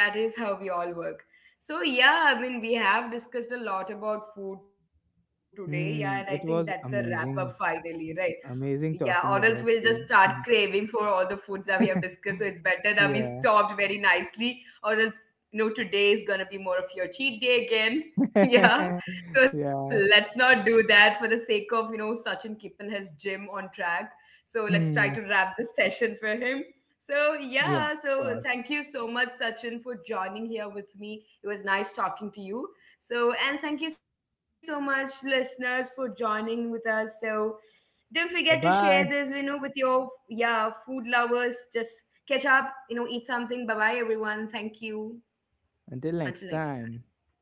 A: that is how we all work. So yeah, I mean, we have discussed a lot about food today, yeah, and I
B: Mm,
A: think
B: it
A: that's
B: was
A: a wrap up
B: amazing.
A: finally, right?
B: Amazing
A: Yeah, or
B: talking
A: else
B: about
A: we'll
B: food.
A: just start craving for all the foods that we
B: Mm.
A: have discussed. So it's better that we
B: Yeah.
A: stopped very nicely, or else, you know, today is going to be more of your cheat day again. Yeah. So
B: Yeah.
A: let's not do that for the sake of, you know, Sachin keeping his gym on track. So let's
B: Hmm.
A: try to wrap this session for him. So,
B: Yeah. Of
A: yeah.
B: course.
A: So thank you so much, Sachin, for joining here with me. It was nice talking to you. So, and thank you so much, listeners, for joining with us. So, don't
B: Bye
A: forget to share
B: bye.
A: this, you know, with your yeah food lovers. Just catch up, you know, eat something. Bye bye, everyone. Thank you.
B: Until next
A: Until
B: time.
A: next time.